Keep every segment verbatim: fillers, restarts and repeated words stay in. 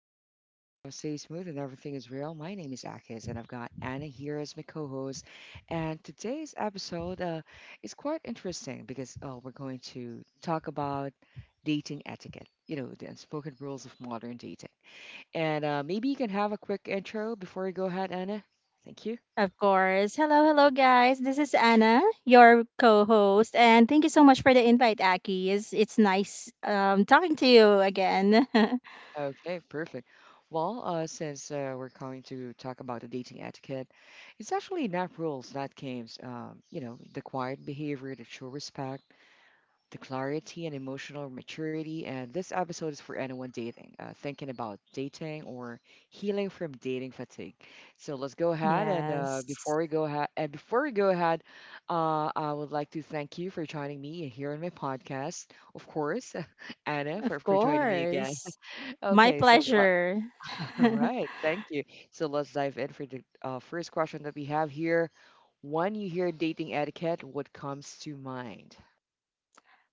flow easy and the vibe stays smooth and everything is real, my name is Akis and I've got Anna here as my co-host. And today's episode uh, is quite interesting because uh, we're going to talk about dating etiquette. You know, the unspoken rules of modern dating. And uh, maybe you can have a quick intro before we go ahead, Anna. Thank you. Of course. Hello, hello, guys. This is Anna, your co-host, and thank you so much for the invite, Aki. It's it's nice um talking to you again. Okay, perfect. Well, uh, since uh, we're going to talk about the dating etiquette, it's actually not rules, not games. Um, you know, the quiet behavior, the true respect, the clarity and emotional maturity. And this episode is for anyone dating, uh, thinking about dating or healing from dating fatigue. So let's go ahead and uh, Yes, before we go ahead and before we go ahead, uh, I would like to thank you for joining me here on my podcast, of course, Anna, for of for joining me again. course. My Okay, so all pleasure. right, thank you. So let's dive in for the uh, first question that we have here. When you hear dating etiquette, what comes to mind?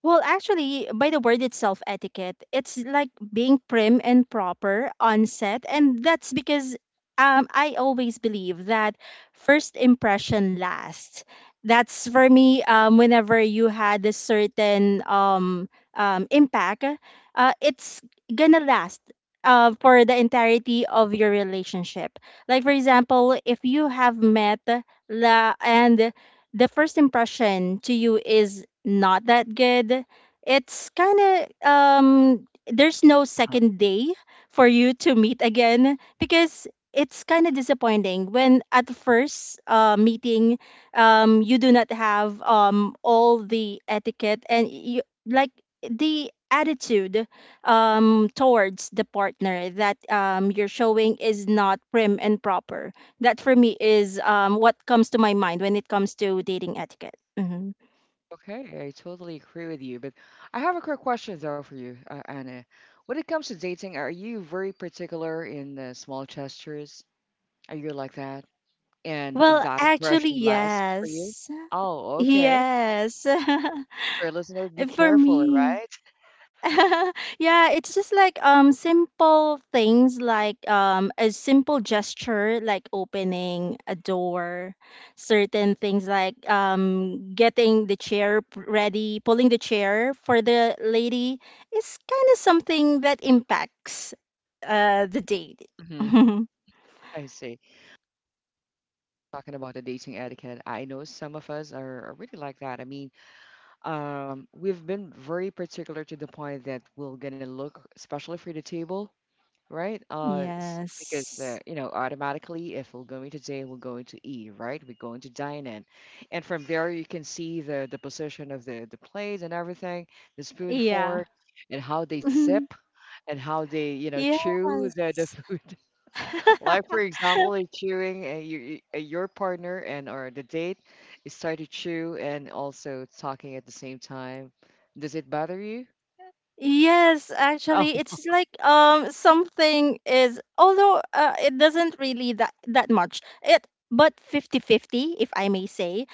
Well, actually, by the word itself, etiquette, it's like being prim and proper on set. And that's because um, I always believe that first impression lasts. That's for me, um, whenever you had a certain um, um, impact, uh, it's gonna last. Uh, for the entirety of your relationship. Like, for example, if you have met la- and the first impression to you is not that good, it's kind of um there's no Uh-huh. second day for you to meet again, because it's kind of disappointing when at the first uh, meeting um you do not have um all the etiquette, and you like the attitude um towards the partner that um you're showing is not prim and proper. That for me is um, what comes to my mind when it comes to dating etiquette. Hmm. Okay, I totally agree with you, but I have a quick question though for you, uh, Anna. When it comes to dating, are you very particular in the small gestures? Are you like that? And Well, that actually, impression lasts for you? yes. Oh, okay. Yes. For a listener, be For careful, all me. right? Yeah, it's just like um simple things like um a simple gesture like opening a door, certain things like um getting the chair p- ready, pulling the chair for the lady is kind of something that impacts uh the date. Mhm. I see. Talking about the dating etiquette, I know some of us are, are really like that. I mean, um, we've been very particular to the point that we're gonna look, especially for the table, right? Uh, s- because Yes. uh, you know, automatically, if we're going to J, we're going to E, right? We're going to dine in, and from there you can see the the position of the the plates and everything, the spoon, Yeah. fork, and how they sip and how they you know Yes. chew the the food. Like for example, if chewing uh, you, you- uh, your partner and or the date is started to chew and also talking at the same time. Does it bother you? Yes, Oh, actually, it's like um something is, although uh, it doesn't really that that much. It but fifty fifty, if I may say.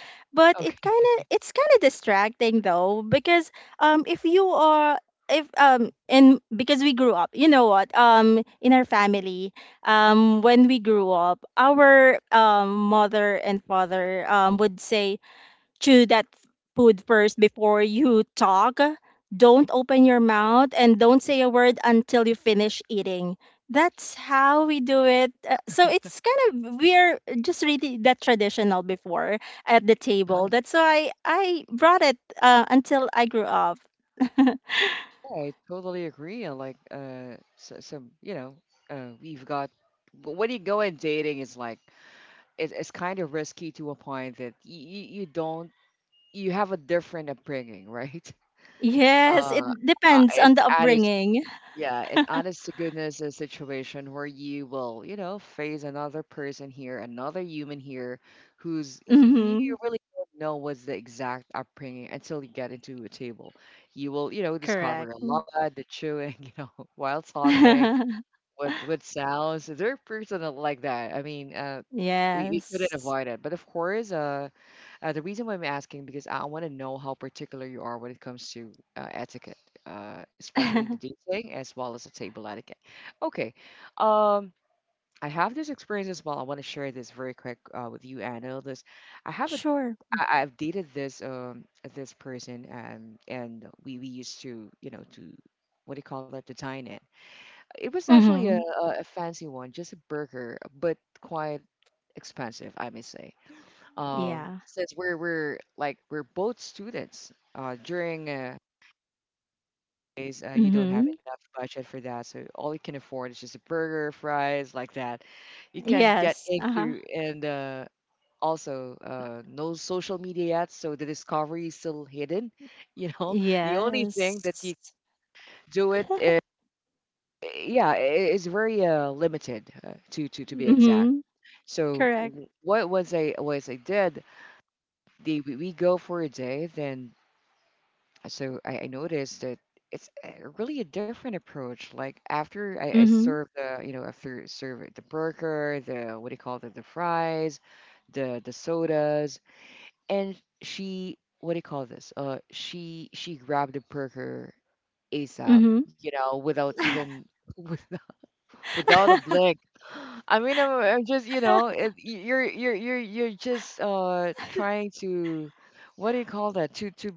But it okay. kind of it's kind of distracting though, because um if you are, if um and because we grew up, you know what? Um in our family, um when we grew up, our um mother and father um would say chew that food first before you talk. Don't open your mouth and don't say a word until you finish eating. That's how we do it. Uh, so it's kind of, we're just really that traditional before at the Huh. table. That's why I brought it uh, until I grew up. Yeah, I totally agree. on, Like, uh, so, so you know, uh, we've got. But when you go in dating, it's like it's, it's kind of risky to a point that you, you don't you have a different upbringing, right? Yes, it Uh, uh, depends on it's the added. upbringing. Yeah, it honest to goodness a situation where you will, you know, face another person here, another human here, who's he Hmm. you really don't know what's the exact upbringing until you get into a table. You will, you know, discover Correct. a lot, the chewing, you know, while talking, with with sounds. They're personal like that. I mean, uh, we, we couldn't Yes. avoid it. But of course, uh, uh, the reason why I'm asking because I want to know how particular you are when it comes to uh, etiquette, uh, especially the dating as well as the table etiquette. Okay, um, I have this experience as well. I want to share this very quick uh, with you, Anna. This I have a Sure. I, I've dated this um this person and and we we used to you know to what do you call that to dine in. It was actually a, Hmm. a a fancy one, just a burger, but quite expensive, I may say. um, Yeah. Since we're we're like we're both students uh, during uh, days, uh, you don't have Mm-hmm. enough budget for that, so all you can afford is just a burger fries like that you can't get Yes. Uh-huh. into. And uh, also uh, no social media yet, so the discovery is still hidden. You know, the only thing that Yes. you do it is yeah, it is very uh, limited uh, to, to to be exact. Mm-hmm. So Correct. w- what was i was I did the we we go for a day. Then Uh, so I, I noticed that it's uh, really a different approach. Like after I, I Mm-hmm. serve the, you know, after serve the burger, the what do you call it, the fries, the the sodas, and she what do you call this? Uh, she she grabbed the burger ASAP, Mm-hmm. you know, without even without a blink. I mean, I'm, I'm just, you know, it, y- you're you're you're you're just uh trying to, what do you call that? To to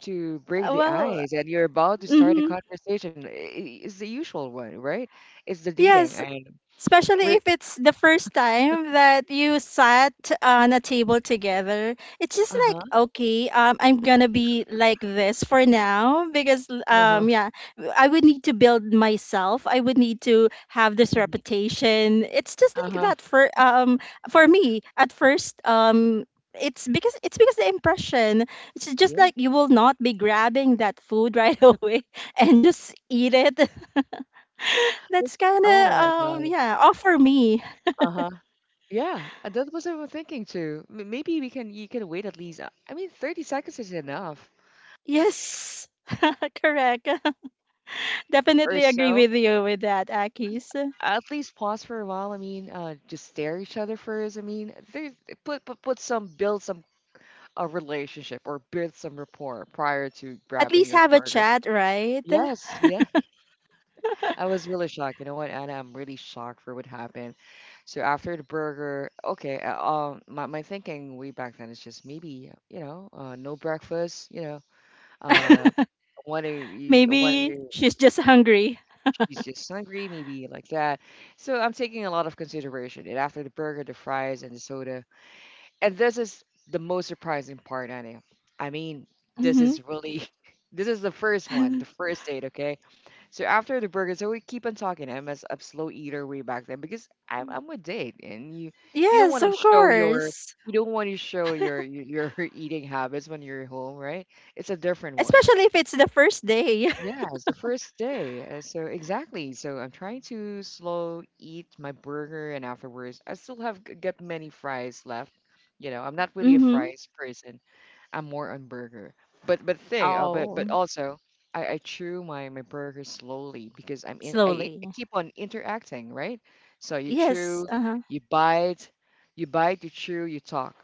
To break the Well, ice, and you're about to start a mm-hmm. conversation. I- i- It's the usual one, right? It's the dating, Yes, and especially we're if it's the first time that you sat on a table together. It's just like, uh-huh, okay, um, I'm gonna be like this for now, because, uh-huh, um, yeah, I would need to build myself. I would need to have this mhm, reputation. It's just like uh-huh. that for, um, for me at first, um, it's because it's because the impression, it's just Yeah. like you will not be grabbing that food right away and just eat it. That's, That's oh kinda, my um, God. yeah, off for me. Uh-huh. Yeah, uh, that was what I'm thinking too. M- Maybe we can you can wait at least. uh, I mean, thirty seconds is enough Yes, correct. or Definitely agree so. with you with that, Akis. At least pause for a while. I mean, uh, just stare at each other first. I mean, there's put put put some build some a relationship, or build some rapport prior to At grabbing least your have a burger. chat, right? Yes, yeah. I was really shocked. You know what, Anna? I'm really shocked for what happened. So after the burger, okay. uh, Um, my my thinking way back then is just maybe you know, uh, no breakfast. You know, uh, want to want Maybe to she's just hungry. she's just hungry, maybe like that. So I'm taking a lot of consideration. And after the burger, the fries, and the soda, and this is the most surprising part, Annie. I mean, this Hmm. is really, this is the first one, the first date, okay? So after the burger, so we keep on talking. I'm a, s- a slow eater way back then because I'm, I'm a date, and you you don't Yes, want to of show your course. you don't want to show your your your eating habits when you're home, right? It's a different one. Especially if it's the first day. Yeah, it's the first day. uh, So exactly. So I'm trying to slow eat my burger, and afterwards, I still have g- got many fries left. You know, I'm not really a Hmm. fries person. I'm more on burger. But but thing, uh, but but Oh, also, I, I chew my my burger slowly because I'm in. I, e, slowly. I keep on interacting, right? So you Yes. chew, Uh-huh. you bite, you bite, you chew, you talk.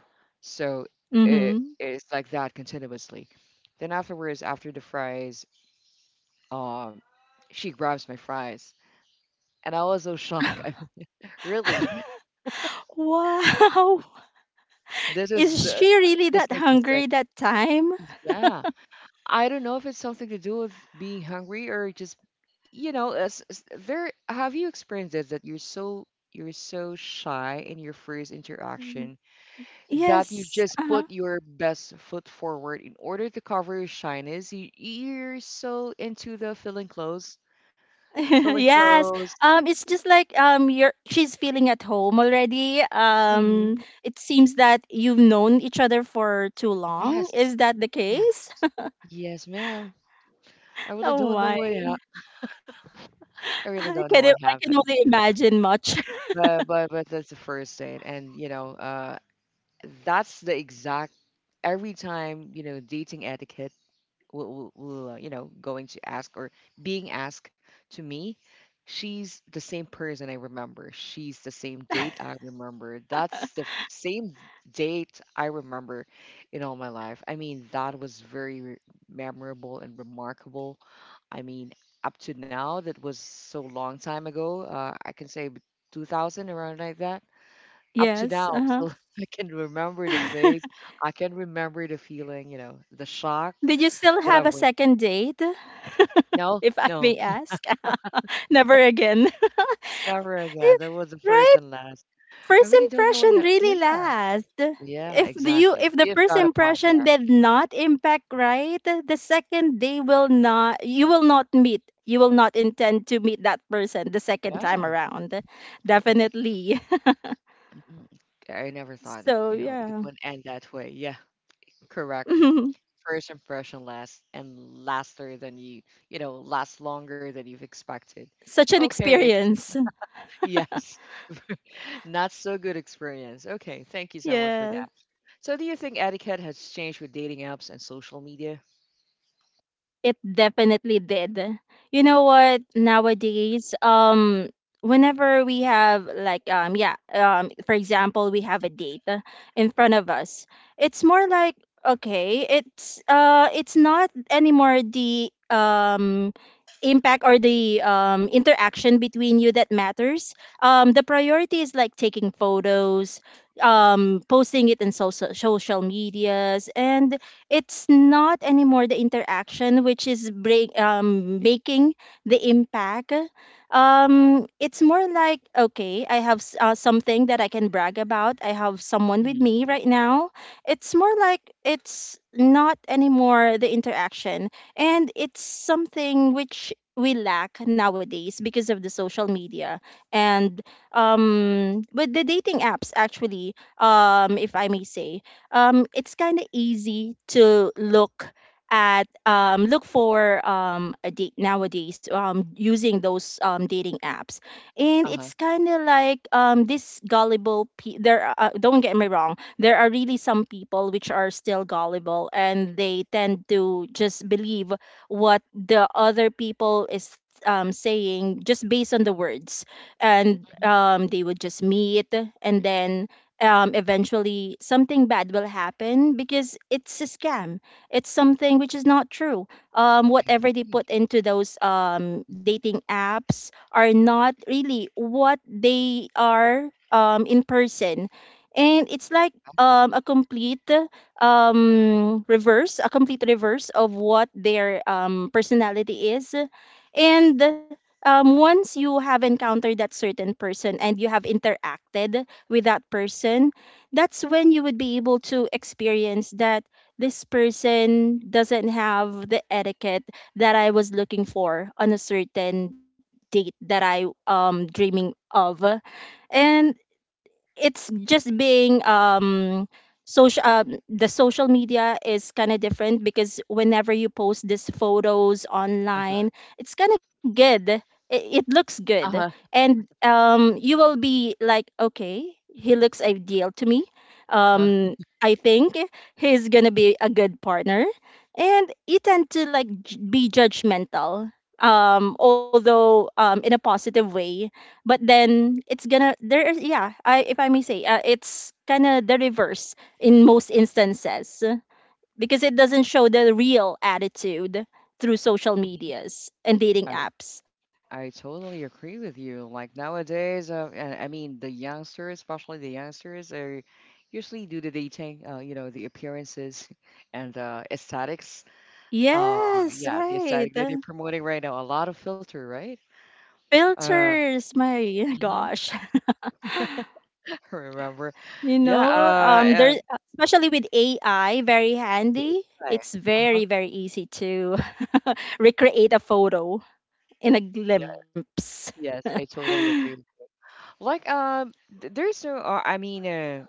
So it Hmm. it's like that continuously. Then afterwards, after the fries. Um, she grabs my fries, and I was so shocked. I mean, really, Wow. this is Is uh, she really this that makes me sick. hungry that time? Yeah, I don't know if it's something to do with being hungry or just, you know, it's, it's there. Have you experienced this that you're so you're so shy in your first Mm. interaction that you Yes. just Uh-huh. put your best foot forward in order to cover your shyness? You, you're so into the feeling close, feeling Yes. close. Um, it's just like um, you're she's feeling at home already. Um, hmm It seems that you've known each other for too long. Yes, Is that the case? yes, yes, ma'am. I really Oh don't know my! what hap I really don't I know can what I can happened. only imagine much. But but but that's the first date, and you know, uh, that's the exact every time you know dating etiquette will, will, uh, you know going to ask or being asked to me. She's the same person, I remember. She's the same date, I remember. That's the f- same date I remember in all my life. I mean that was very re- memorable and remarkable. I mean up to now, that was so long time ago. uh, I can say b- two thousand around, like that, up to Yes. now. Uh-huh. So I can remember the face, I can remember the feeling, you know, the shock Did you still that I have a went. second date, No, if I no, may ask? Never again. never again. That was the first Right? and last. I First really don't know impression what. I, yeah, really lasts. yeah, If the- you exactly. if the You've first got a point impression there. did not impact right, the second day will not, you will not meet. You will not intend to meet that person the second time Yeah, around. Definitely. mhm. I never thought that So you know it yeah. wouldn't end that way. Yeah, correct. First impression lasts and laster than you you know lasts longer than you've expected. Such an Okay, it's experience. yes, not so good experience. Okay, thank you so much for Yes. that. So, do you think etiquette has changed with dating apps and social media? It definitely did. You know what? Nowadays, um, whenever we have like um yeah, um for example, we have a date uh, in front of us. It's more like, okay, it's uh it's not anymore the um impact or the um interaction between you that matters. Um the priority is like taking photos, um posting it in social social medias, and it's not anymore the interaction which is break, um, making the impact. Um, it's more like, okay, I have s- uh, something that I can brag about. I have someone with Mhm. me right now. It's more like it's not anymore the interaction, and it's something which we lack nowadays because of the social media. And um, with the dating apps, actually, um, if I may say, um, it's kind of easy to look at um, look for um, a date nowadays, um, using those um, dating apps. And Uh huh. it's kind of like um, this gullible pe- there are- uh, don't get me wrong, there are really some people which are still gullible, and they tend to just believe what the other people is um, saying, just based on the words. And um, they would just meet, and then um, eventually something bad will happen, because it's a scam. It's something which is not true. Um, whatever they put into those um, dating apps are not really what they are um, in person. And it's like um, a complete um, reverse, a complete reverse of what their um, personality is. And um, once you have encountered that certain person and you have interacted with that person, that's when you would be able to experience that this person doesn't have the etiquette that I was looking for on a certain date that I um dreaming of. And it's just being um social um, the social media is kind of different, because whenever you post these photos online, it's kind of good. It, it looks good, Uh huh. and um you will be like, okay, he looks ideal to me. Uh-huh. um I think he's gonna be a good partner, and you tend to like j- be judgmental, um although um in a positive way. But then it's gonna there is, yeah. I, if I may say, uh, it's kind of the reverse in most instances, uh, because it doesn't show the real attitude through social medias and dating I apps. I totally agree with you. Like nowadays, uh, and I mean the youngsters, especially the youngsters, are usually due to dating, uh, you know, the appearances and uh, aesthetics. Uh, Yes, yeah, the right. aesthetic that they're uh, promoting right now, a lot of filter, right? Uh, Filters, my mhm, gosh. Remember? you Yeah. know Uh, um uh, there especially with A I, very The handy. A I, It's uh-huh. very, very easy to recreate a photo in a Yeah. glimpse. Yes, I totally agree. Like, um, th- there's no, uh, I mean, uh,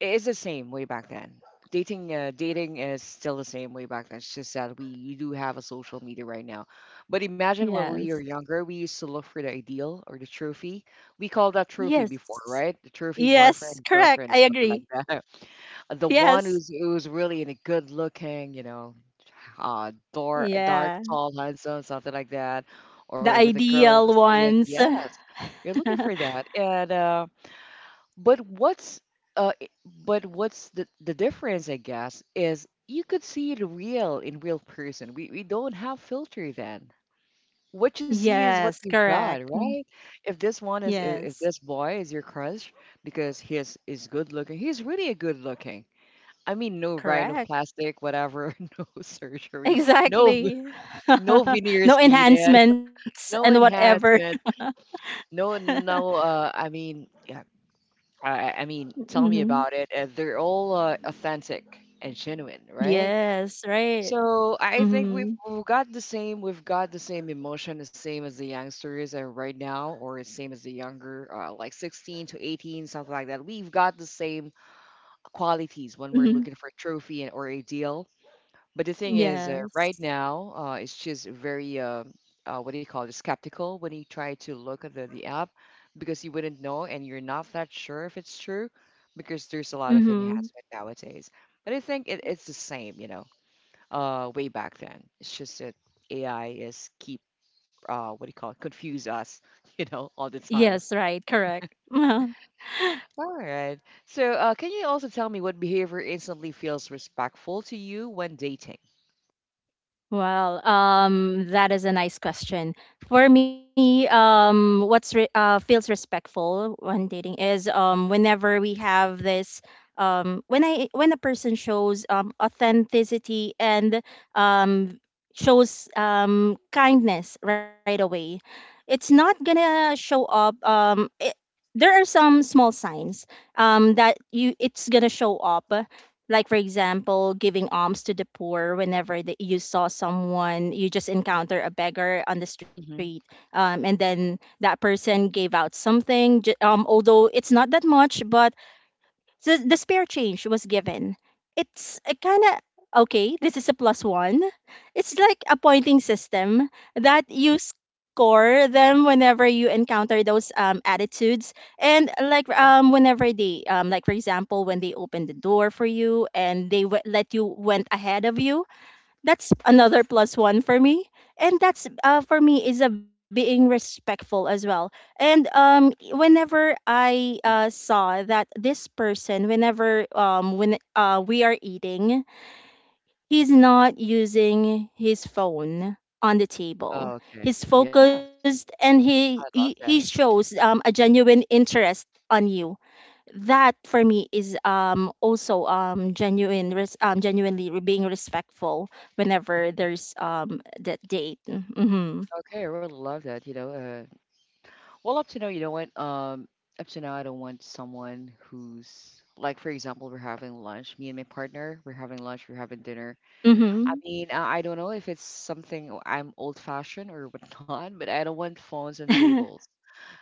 it is the same way back then. Dating, uh, dating is still the same way back then. It's just that we do have a social media right now. But imagine when we were Yes. younger, we used to look for the ideal or the trophy. We call that trophy before, Yes. right? The trophy boyfriend, Yes, girlfriend, correct. or I something agree. like that. The one who's Yes. who's really in a good looking, you know, uh, dark, dark, tall, Yeah. handsome, something like that, The or with a girl in a ideal slick. ones. Yes, you're looking for that, and. Uh, but what's uh, i- but what's the the difference, I guess, is you could see it real in real person. We we don't have filter then. What you see is Yes, what you've correct. got, Mm. right? If this one is I- If Yes, this boy is your crush because he is is good looking, he's really a good looking. I mean, no correct. rhinoplastic, whatever, no surgery, no v- Exactly. no veneers No needed, enhancements and no whatever. enhancement, no, Hmm. no. Uh, I mean, I, I mean, tell me about it. Uh, they're all uh, authentic and genuine, right? Yes, right. So I think we've, Hmm. we've got the same, we've got the same emotion, the same as the youngsters are right now, or same as the younger, uh, like sixteen to eighteen, something like that. We've got the same qualities when we're Hmm. looking for a trophy and, or a deal. But the thing is, uh, right Yes. now, uh, it's just very, uh, uh, what do you call it, skeptical when you try to look at the, the app because you wouldn't know and you're not that sure if it's true because there's a lot of Hmm. enhancement nowadays. But I think it, it's the same, you know, uh, way back then. It's just that A I is keep, uh, what do you call it, confuse us, you know, all the Yes, time. right. Correct. All right. So, uh, can you also tell me what behavior instantly feels respectful to you when dating? Well, um, that is a nice question. For me, um, what's re- uh, feels respectful when dating is um, whenever we have this, um, when I when a person shows um, authenticity and um, shows um, kindness right away. It's not gonna show up. Um, it, there are some small signs um, that you it's gonna show up. Like, for example, giving alms to the poor whenever that you saw someone, you just encounter a beggar on the street, Mhm. um, and then that person gave out something, ju- um, although it's not that much, but so the spare change was given. It's kind of, okay, this is a plus one. It's like a pointing system that you score them whenever you encounter those um, attitudes. And like Huh? um, whenever they, um, like for example, when they open the door for you and they w- let you went ahead of you, that's another plus one for me, and that's uh, for me is a being respectful as well. And um whenever I uh, saw that this person, whenever um when uh, we are eating, he's not using his phone on the table. Oh, okay. He's Yeah, I focused, and he he, he love that. shows um, a genuine interest on you. That for me is um also um genuine res- um genuinely re- being respectful whenever there's um that date. Mm-hmm. Okay, I really love that. You know, uh, well, up to now, you know what? Um, up to now, I don't want someone who's, like, for example, we're having lunch. Me and my partner, we're having lunch. We're having dinner. I Mm-hmm. mean, I, I don't know if it's something I'm old-fashioned or whatnot, but I don't want phones on tables.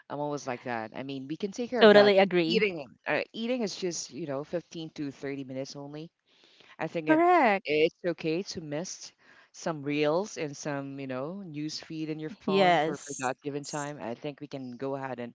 I'm always like that. I mean, we can take care of Totally that. agree. Eating, uh, eating is just, you know, fifteen to thirty minutes only. I think it Correct. it's okay to miss some reels and some, you know, news feed in your phone for, for that given Yes. time. I think we can go ahead and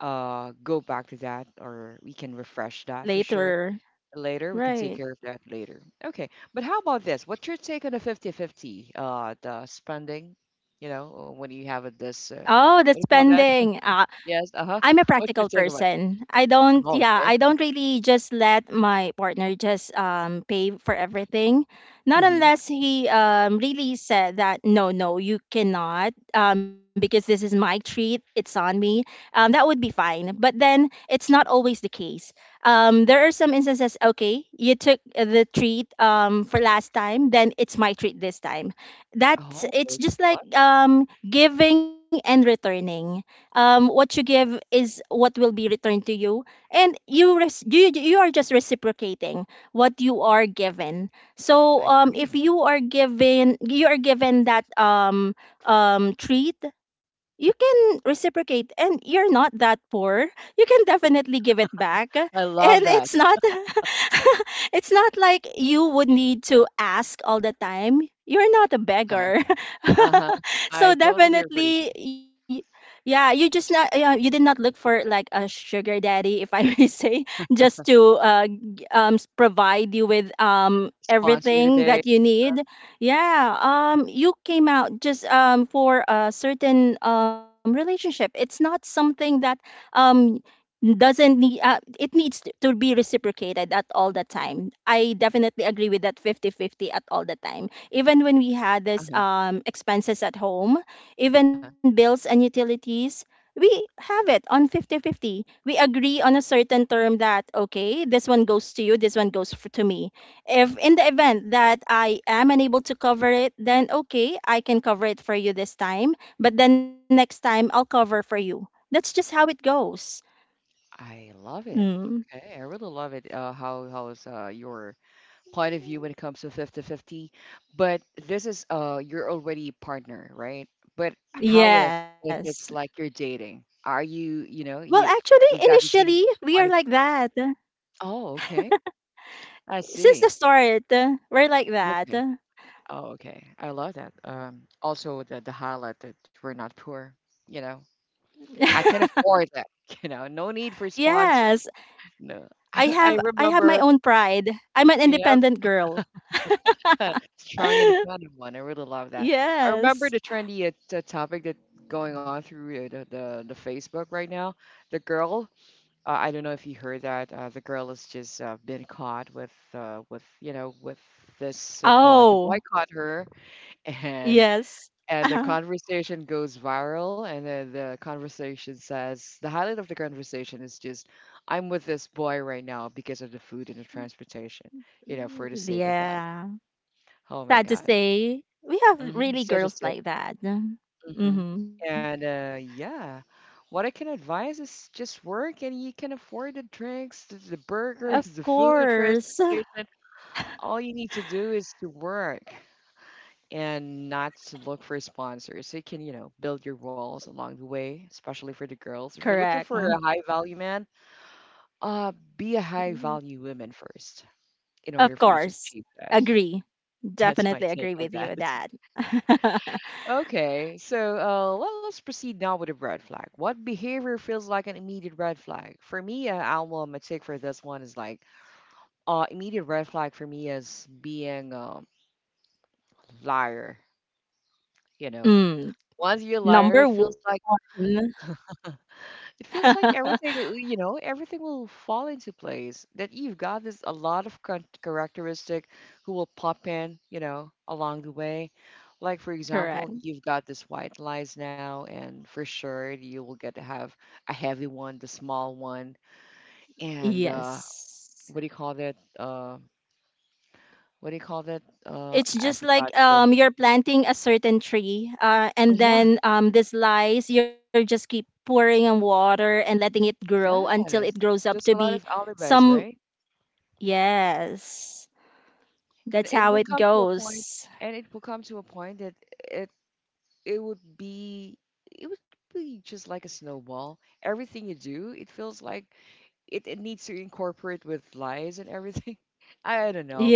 uh go back to that, or we can refresh that for sure Later. later. We can take care of Right. that later. Okay. But how about this? What's your take on the fifty-fifty uh the spending? You know, when you have it this, uh, Oh, what do you that's call that? pending. Ah, Yes, uh-huh. I'm a What's your practical take about it? person. I don't, Oh, yeah, okay. I don't really just let my partner just um, pay for everything. Not Mm-hmm. unless he um, really said that, no, no, you cannot, um, because this is my treat, it's on me. Um, that would be fine. But then it's not always the case. Um, there are some instances, okay, you took the treat um, for last time, then it's my treat this time. That's, Oh, It's okay. just I like love it. um, giving and returning. Um, what you give is what will be returned to you, and you res- you, you are just reciprocating what you are given. So I um, if agree. you are given you are given that um, um, treat, you can reciprocate, and you're not that poor. You can definitely give it back. I And love that. it's not it's not like you would need to ask all the time. You're not a beggar. Uh-huh. I So totally agree. definitely, y- yeah, you just not yeah, you did not look for like a sugar daddy, if I may say, just to uh, g- um, s- provide you with um Sponsor everything today. that you Uh-huh. need. Yeah, um, you came out just um for a certain um relationship. It's not something that um doesn't need uh, it needs t- to be reciprocated at all the time. I definitely agree with that fifty fifty at all the time, even when we had this Uh-huh. um expenses at home, even Uh-huh. bills and utilities. We have it on fifty-fifty. We agree on a certain term that, okay, this one goes to you, this one goes f- to me. If in the event that I am unable to cover it, then okay, I can cover it for you this time, but then next time I'll cover for you. That's just how it goes. I love it. Mm. Okay, I really love it. Uh, how how's uh, your point of view when it comes to fifty-fifty? But this is, uh, you're already partner, right? But how if if Yes. it's like you're dating? Are you you Well, know you actually, you've got the initially, same we are point of? like that. Oh, okay, I Since the see. start, uh, we're like that. Okay, oh, okay, I love that. Um, also, the the highlight that we're not poor, you know, I can afford that, you know, no need for sponsor. Yes, No. I I have I have my remember, own pride. I'm an yep, independent girl. strong independent one. I really love that. I remember Yes. the trendy uh, t- topic that going on through uh, the, the the Facebook right now. The girl, uh, I don't know if you heard that. Uh, the girl has just uh, been caught with uh, with you know with this uh, boy. The boy Oh, caught her, and yes. And the Uh-huh. conversation goes viral, and then the conversation says the highlight of the conversation is just, I'm with this boy right now because of the food and the transportation, you know, for the sake of that. Yeah. Oh my Sad to God. say, we have Mm-hmm. really So to girls say. like that. hmm Mm-hmm. And, uh, yeah, what I can advise is just work and you can afford the drinks, the, the Of burgers, the food, the course. transportation. All you need to do is to work. And not to look for sponsors. So you can, you know, build your walls along the way, especially for the girls. If you're Correct. looking for a high value man, uh, be a high Mm. value woman first in order Of for you to course. achieve that. Agree. That's my Definitely take agree on with you that. with that. Okay, so, uh, let, let's proceed now with a red flag. What behavior feels like an immediate red flag? For me, uh, Alma, my take for this one is, like, uh, immediate red flag for me is being a liar. You know, Mm. Once you're a liar, it Number feels like one. It feels like everything, uh, you know, everything will fall into place. That you've got this a lot of char- characteristic who will pop in, you know, along the way. Like, for example, Correct. you've got this white lies now, and for sure you will get to have a heavy one, the small one, and, uh, Yes. what do you call that? Uh, what do you call that? Uh, it's I just forgot like, the term. um you're planting a certain tree, uh, and Uh-huh. then um this lies, you're just keep pouring on water and letting it grow until it Yes, grows up to just a be lot of alibis, some. right? Yes, And that's it how will it come to a point, goes. and it will come to a point that it it would be it would be just like a snowball. Everything you do, it feels like it, it needs to incorporate with lies and everything. I don't know.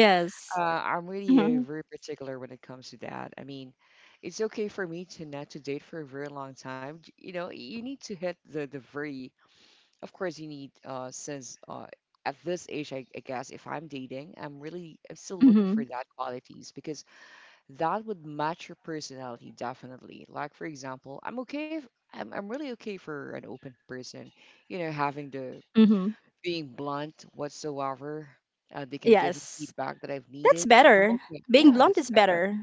Uh, I'm really, uh, Mm-hmm. very particular when it comes to that. I mean, it's okay for me to not to date for a very long time. J- You know, you need to hit the the very. Of course, you need uh since uh at this age, I, I guess if I'm dating, I'm really I'm still looking for Mm-hmm. that qualities because that would match your personality. Definitely, like for example, I'm okay if, I'm, I'm really okay for an open person, you know having the, Hmm. being blunt whatsoever. Uh, they can give me Yes, feedback that I've that's needed. I'm better. okay. Being Yeah, blunt that's is better. better.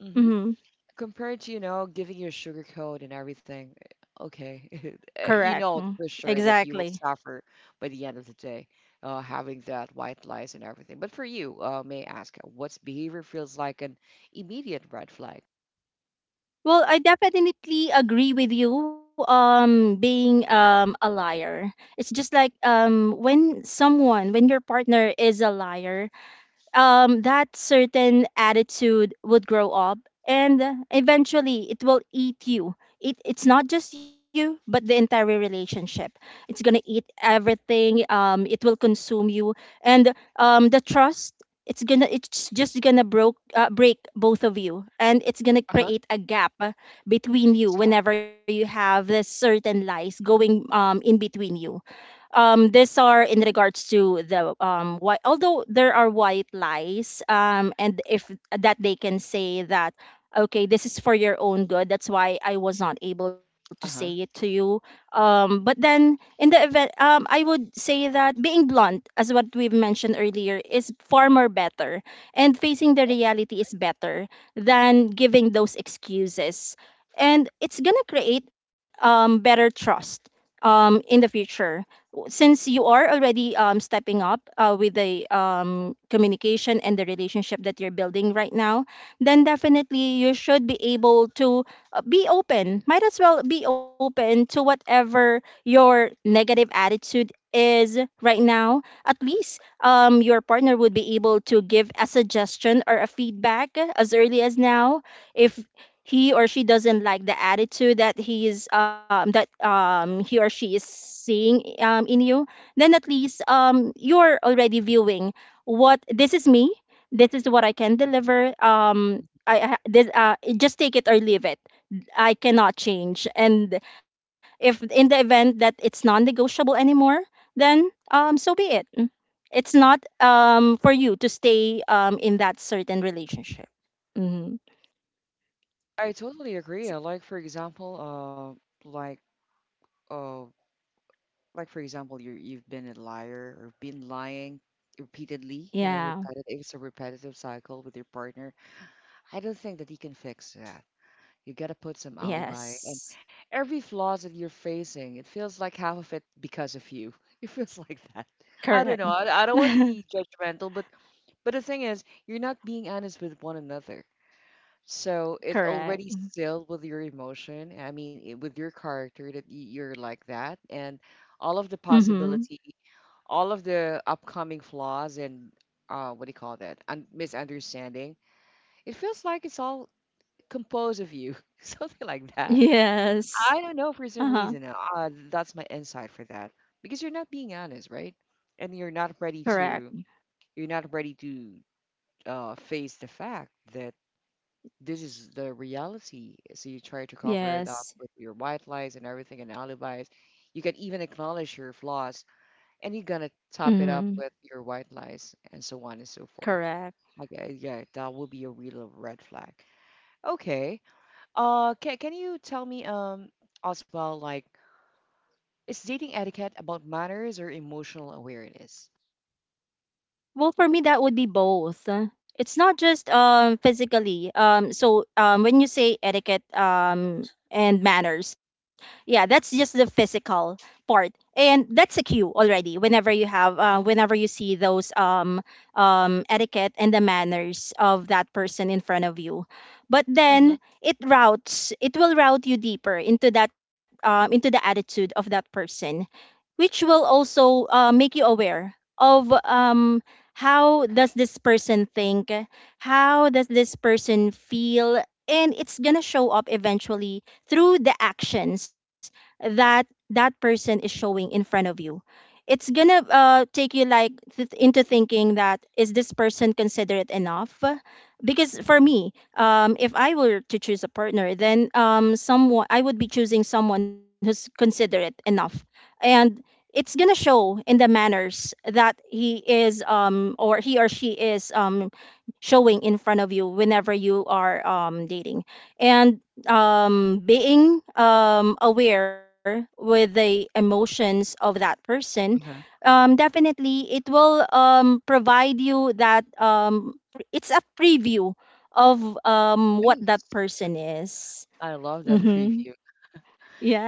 hmm Mm-hmm. compared to, you know giving you a sugar coat and everything. Eh, okay. Uh, correct. you Mm. Know for sure that Exactly. you will suffer by the end of the day, uh, having that white lies and everything, but for you, uh, may I ask, uh, what's behavior feels like an immediate red flag? Well, I definitely agree with you. Um, being um a liar, it's just like, um when someone, when your partner is a liar, um, that certain attitude would grow up, and eventually it will eat you. It, it's not just you, but the entire relationship. It's going to eat everything. Um, it will consume you. And um, the trust, it's gonna it's just gonna broke uh, break both of you, and it's gonna Uh-huh, create a gap uh, between you exact, whenever you have this certain lies going um in between you. Um, these are in regards to the, um, white. Although there are white lies, um, and if that they can say that, okay, this is for your own good. That's why I was not able to say it uh-huh, to you. Um, but then in the event, um, I would say that being blunt, as what we've mentioned earlier, is far more better, and facing the yeah, reality is better than giving those excuses. And it's gonna create, um, better trust, um, in the future, since you are already, um, stepping up uh, with the, um, communication and the relationship that you're building right now. Then definitely you should be able to uh, be open. Might as well be open to whatever your negative attitude is right now. At least, um, your partner would be able to give a suggestion or a feedback as early as now. If he or she doesn't like the attitude that he is um, that um, he or she is seeing, um, in you, then at least, um, you're already viewing what this is me. This is what I can mhm, deliver. Um, mm. I, I this, uh, just take it or leave it. I cannot change. And if in the event that it's non-negotiable anymore, then um, so be it. It's not, um, for you to stay, um, in that certain relationship. Mhm. I totally agree, uh, like, for example, uh, like, uh, like, for example, you you've been a liar or been lying repeatedly, you know, Yeah. repetitive, it's a repetitive cycle with your partner. I don't think that you can fix that. You gotta put some alibi, and Yes. every flaws that you're facing, it feels like half of it because of you. It feels like that. I Correct. don't know. I, I don't want to be judgmental, but but the thing is, you're not being honest with one another. So it's Correct. already sealed with your emotion. I mean, it, with your character that y- you're like that, and all of the Mm-hmm. possibility, all of the upcoming flaws, and, uh, what do you call that? Un- misunderstanding. It feels like it's all composed of you, something like that. Yes. I don't know for Uh-huh. some reason. Uh, uh, that's my insight for that because you're not being honest, right? And you're not ready Correct. to. You're not ready to uh, face the fact that this is the reality. So you try to cover it up Yes. with your white lies and everything and alibis. You can even acknowledge your flaws and you're gonna top it Mm. up with your white lies and so on and so forth. Correct. Okay, yeah, that will be a real red flag. Okay. Uh can can you tell me, um as well, like, is dating etiquette about manners or emotional awareness? Well, for me, that would be both. Uh, It's not just um physically. Um, so um, when you say etiquette um and manners, yeah, that's just the physical part, and that's a cue already. Whenever you have, uh, whenever you see those um um etiquette and the manners of that person in front of you, but Mm-hmm. then it routes, it will route you deeper into that, um into the attitude of that person, which will also uh, make you aware of, um, how does this person think, how does this person feel. And it's gonna show up eventually through the actions that that person is showing in front of you. It's gonna uh, take you like, th- into thinking that, is this person considerate enough? Because for me, um, if I were to choose a partner, then um, someone I would be choosing someone who's considerate enough, and it's gonna show in the manners that he is um or he or she is um showing in front of you whenever you are um dating, and um being um aware with the emotions of that person. Uh-huh. Um definitely it will um provide you that um pr- it's a preview of um what that Nice. person is. I love that Mhm. preview.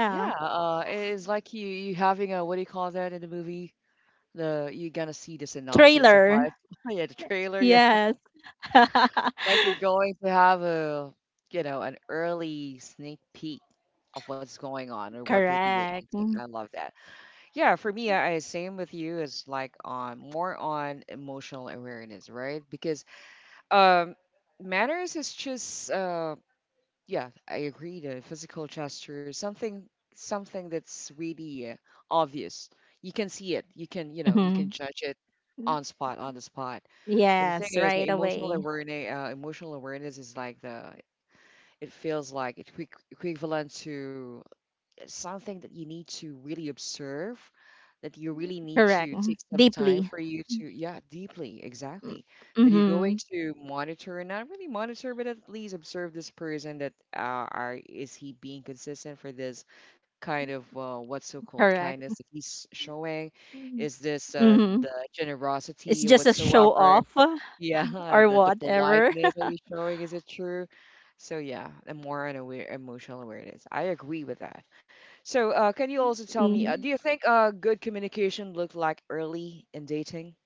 Yeah, uh, it's like you you having a what do you call that in the movie? The You're gonna see the synopsis of Trailer. life. Yeah, the trailer, yeah. Yes. Like, you're going to have a, you know, an early sneak peek of what's going on or what will be Correct. your ending. I love that. Yeah, for me, I I same with you. It's like on, more on emotional awareness, right? Because, um, manners is just, uh, yeah, I agree. The physical gesture is something something that's really, uh, obvious. You can see it. You can you know you Mm-hmm. can judge it on spot on the spot. But the thing Yes, is, the right emotional away. awareness uh, emotional awareness is like the it feels like it's equi- equivalent to something that you need to really observe, that you really need Correct. to Mhm. take some time Deeply. for you to, yeah, deeply, exactly. That you're going Mm-hmm. to monitor, and not really monitor, but at least observe this person that, uh, are is he being consistent for this kind of, uh, what's so called Correct. kindness that he's showing? Is this, uh, Mm-hmm. the It's generosity just a show whatsoever? off, Yeah, or the the whatever. politeness that you showing, is it true? So yeah, and more on aware emotional awareness. I agree with that. So uh, can you also tell me, uh, do you think uh, good communication look like early in dating?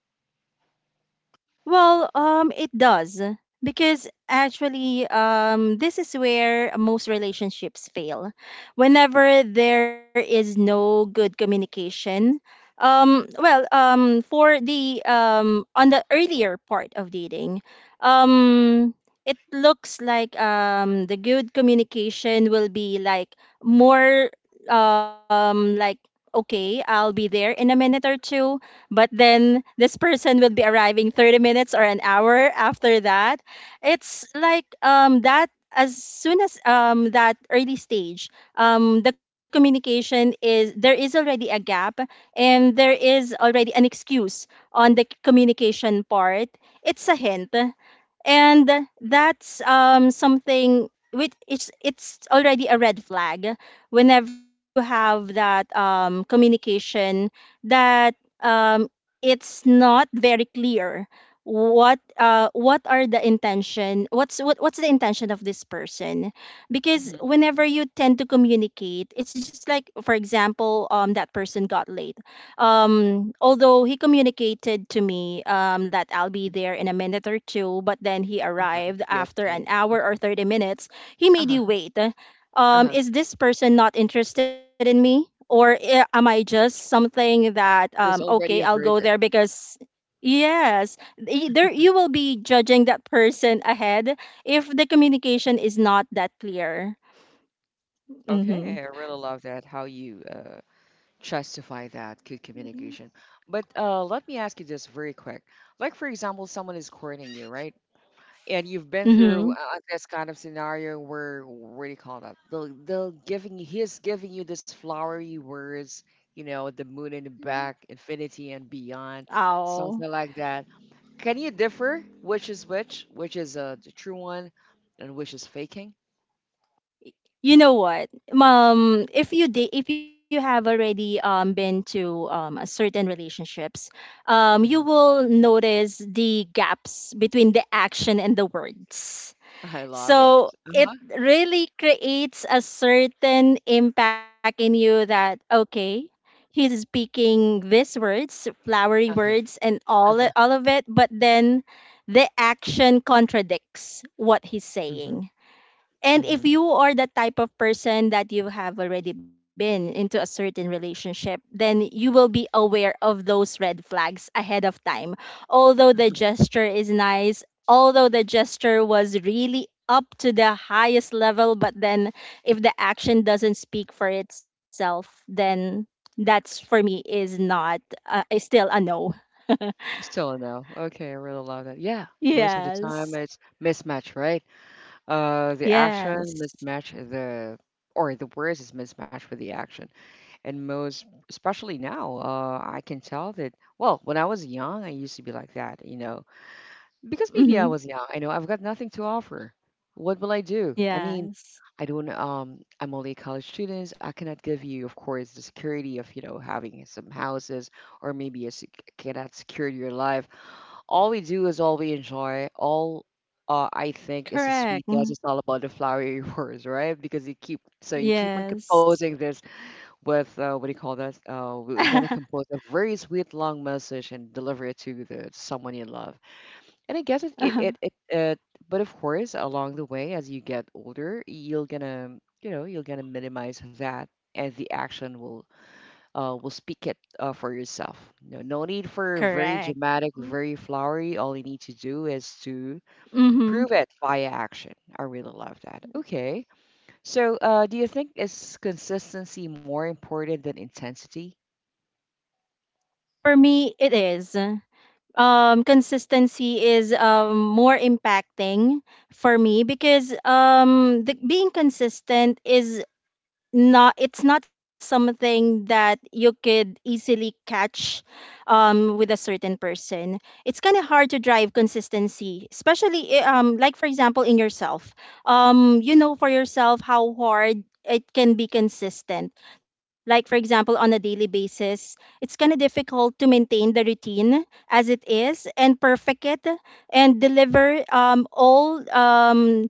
Well, um, it does, because actually, um, this is where most relationships fail. Whenever there is no good communication, um, well, um, for the, um, on the earlier part of dating, um, it looks like, um, the good communication will be like more, um, like okay, I'll be there in a minute or two, but then this person will be arriving thirty minutes or an hour after that. It's like um that as soon as, um that early stage, um the communication is, there is already a gap, and there is already an excuse on the communication part. It's a hint. And that's um something which it's it's already a red flag whenever you have that um communication, that, um it's not very clear what, uh what are the intention, what's what, what's the intention of this person. Because Mm-hmm. whenever you tend to communicate, it's just like, for example, um that person got late. Um although he communicated to me um that I'll be there in a minute or two, but then he Uh-huh. arrived Yep, after an same. hour or Okay. thirty minutes. He made you Uh-huh. wait. um Uh-huh. is this person not interested in me? Or i- am I just something that, um There's okay, I'll already a go there verdict. because. Yes, y- there you will be judging that person ahead if the communication is not that clear. Okay, Mhm. I really love that, how you uh, justify that good communication. But uh, let me ask you this very quick. Like, for example, someone is courting you, right? And you've been through Mhm. uh, this kind of scenario where what do you call that? They'll they'll giving you- he's giving you this flowery words, you know, the moon in the back, infinity and beyond, Oh. something like that. Can you differ which is which, which is uh, the true one, and which is faking? You know what? Um, if you did, if you have already um been to um a certain relationships, um, you Hmm. will notice the gaps between the action and the words. I love it. So it Uh-huh. really creates a certain impact in you that, okay, he's speaking these words, flowery Uh-huh. words, and all Uh-huh. all of it, but then the action contradicts what he's Hmm. saying, and if Hmm. you are the type of person that you have already been into a certain relationship, then you will be aware of those red flags ahead of time. Although the gesture is nice, although the gesture was really up to the highest level, but then if the action doesn't speak for itself, then that's for me is not, uh, is still a no. Still a no. Okay, I really love that. Yeah, most of the time Yes. it's mismatch, right? Uh, the Yes. action mismatch the or the words is mismatched with the action, and most especially now, uh, I can tell that. Well, when I was young, I used to be like that, you know, because maybe I Hmm. was young. I know I've got nothing to offer. What will I do? I mean, Yes. I don't. Um, I'm only a college student. I cannot give you, of course, the security of you know having some houses, or maybe a I cannot secure your life. All we do is all we enjoy. All uh, I think is a sweet Correct. dance. It's all about the flowery words, right? Because you keep so you keep on Yes. composing this with uh, what do you call that? Uh, we're gonna compose a very sweet long message and deliver it to the someone you love. And I guess it Uh-huh. it it, it uh, But of course, along the way as you get older, you're gonna you know you're gonna minimize that, and the action will uh, will speak it uh, for yourself. No, no need for Correct. very dramatic, very flowery. All you need to do is to Mm-hmm. prove it via action. I really love that. Okay. So, uh, do you think is consistency more important than intensity? For me, it is. Um, consistency is, um, more impacting for me because, um, the, being consistent is not, it's not something that you could easily catch, um, with a certain person. It's kind of hard to drive consistency, especially, i- um, like for example in yourself. Um, you know for yourself how hard it can be consistent, like for example on a daily basis. It's kind of difficult to maintain the routine as it is and perfect it, and deliver, um, all, um,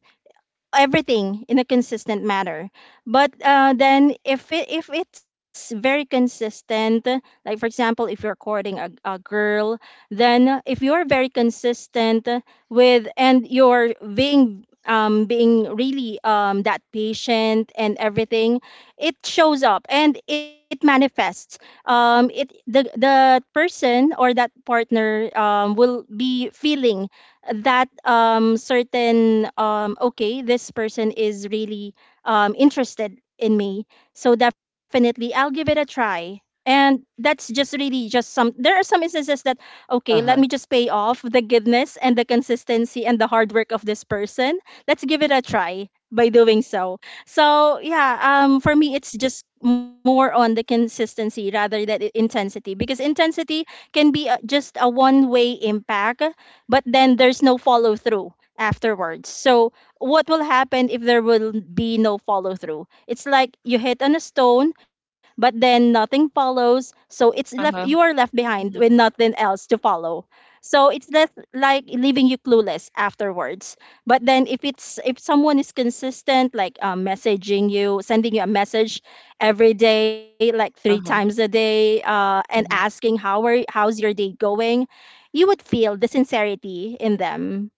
everything in a consistent manner. But uh, then if it, if it's very consistent, like for example, if you're courting a, a girl, then if you're very consistent with, and you're being, um, being really, um, that patient and everything, it shows up and it manifests. Um, it the the person or that partner, um, will be feeling that, um, certain, um, okay, this person is really, um, interested in me, so definitely I'll give it a try. And that's just really just some there are some instances that, okay, Uh let huh. me just pay off the goodness and the consistency and the hard work of this person. Let's give it a try by doing so. So yeah, um, for me it's just more on the consistency rather than i- intensity, because intensity can be uh, just a one way impact, but then there's no follow through afterwards. So what will happen if there will be no follow through? It's like you hit on a stone, but then nothing follows. So it's left Uh you are huh. left behind with Hmm. nothing else to follow. So it's less like leaving you clueless afterwards. But then if it's if someone is consistent, like uh, messaging you, sending you a message every day, like three Uh times huh. a day, uh, and Hmm. asking, how are how's your day going. You would feel the sincerity in them.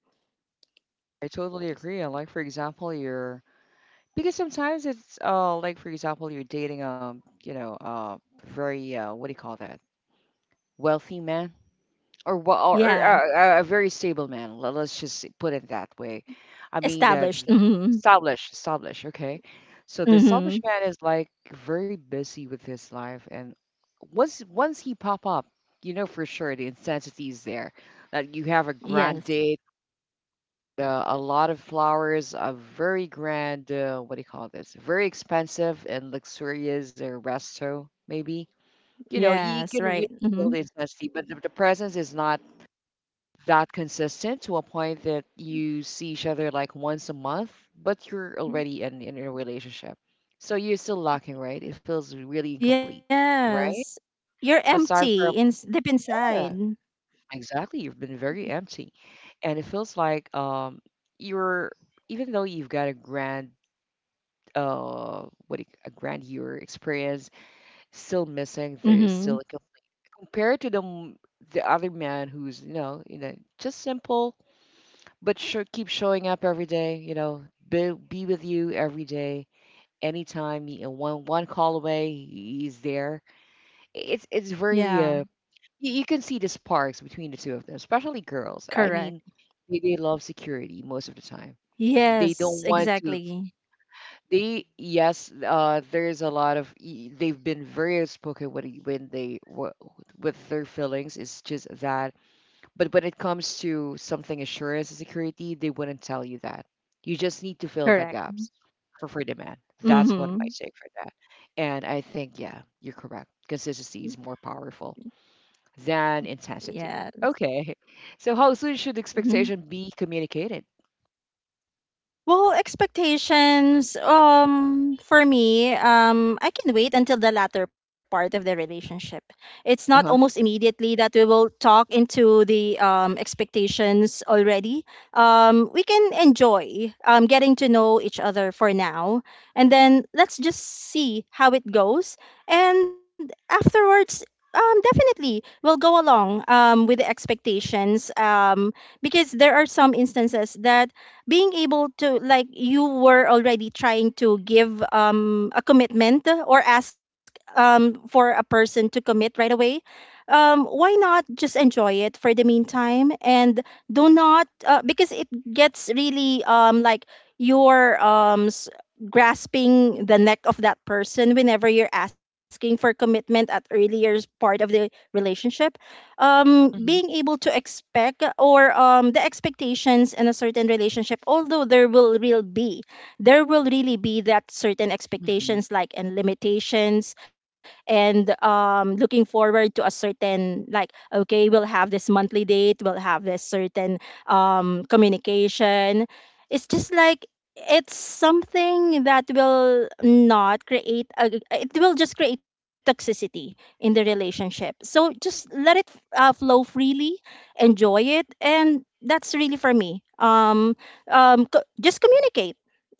I totally agree. And, like, for example, you're because sometimes it's uh like for example you're dating um you know uh very uh what do you call that, wealthy man, or wha- or Yeah, uh, a, a very stable man. le- Let's just put it that way. I mean, uh, established. Mm-hmm. established, established. Okay, so the Mm-hmm. established man is like very busy with his life, and once once he pop up, you know for sure the intensity is there. That you have a grand Yes. date, uh, a lot of flowers, a very grand uh, what do you call this? Very expensive and luxurious uh, resto maybe. You know Yes. you can Right. really Mm-hmm. feel the intensity, but the, the presence is not that consistent, to a point that you see each other like once a month, but you're already in, in a relationship. So you're still lacking, right? It feels really incomplete, right? Yes. You're Aside from, empty in deep yeah, inside. exactly, you've been very empty. And it feels like um you're even though you've got a grand uh what do you- a grand year experience, still missing, there's Mm-hmm. still like a, compared to the m- the other man who's, you know, you know just simple, but sure keep showing up every day you know be, be with you every day, anytime, you know, one one call away he's there. It's it's very Yeah. uh, you, you can see the sparks between the two of them, especially girls. I Correct. mean, they, they love security most of the time. They don't Yes. want to, Exactly. they, yes, uh there's a lot of y- they've been very outspoken when, when they wh- with their feelings, it's just that, but when it comes to something assurance and security, they wouldn't tell you that. You just need to fill the Correct. gaps for for demand. That's what my Mm-hmm. take for that. And I think, yeah, you're correct. Consistency is more powerful than intensity. Yes. Okay. So how soon should Mm-hmm. expectation be communicated? Well, expectations, um, for me, um, I can wait until the latter part of the relationship. It's not almost Uh-huh. immediately that we will talk into the, um, expectations already. Um, we can enjoy um, getting to know each other for now, and then let's just see how it goes. And afterwards, um, definitely we'll go along um, with the expectations um, because there are some instances that being able to like you were already trying to give um a commitment or ask um for a person to commit right away. Um why not just enjoy it for the meantime and do not uh, because it gets really um like you're um s- grasping the neck of that person whenever you're asking for commitment at earlier part of the relationship. Um, being Hmm. able to expect or um, the expectations in a certain relationship, although there will real be, there will really be that certain Hmm. expectations like and limitations, and um, looking forward to a certain like okay, we'll have this monthly date, we'll have this certain um, communication. It's just like it's something that will not create a, it will just create toxicity in the relationship. So just let it uh, flow freely, enjoy it, and that's really for me. Um, um, co- just communicate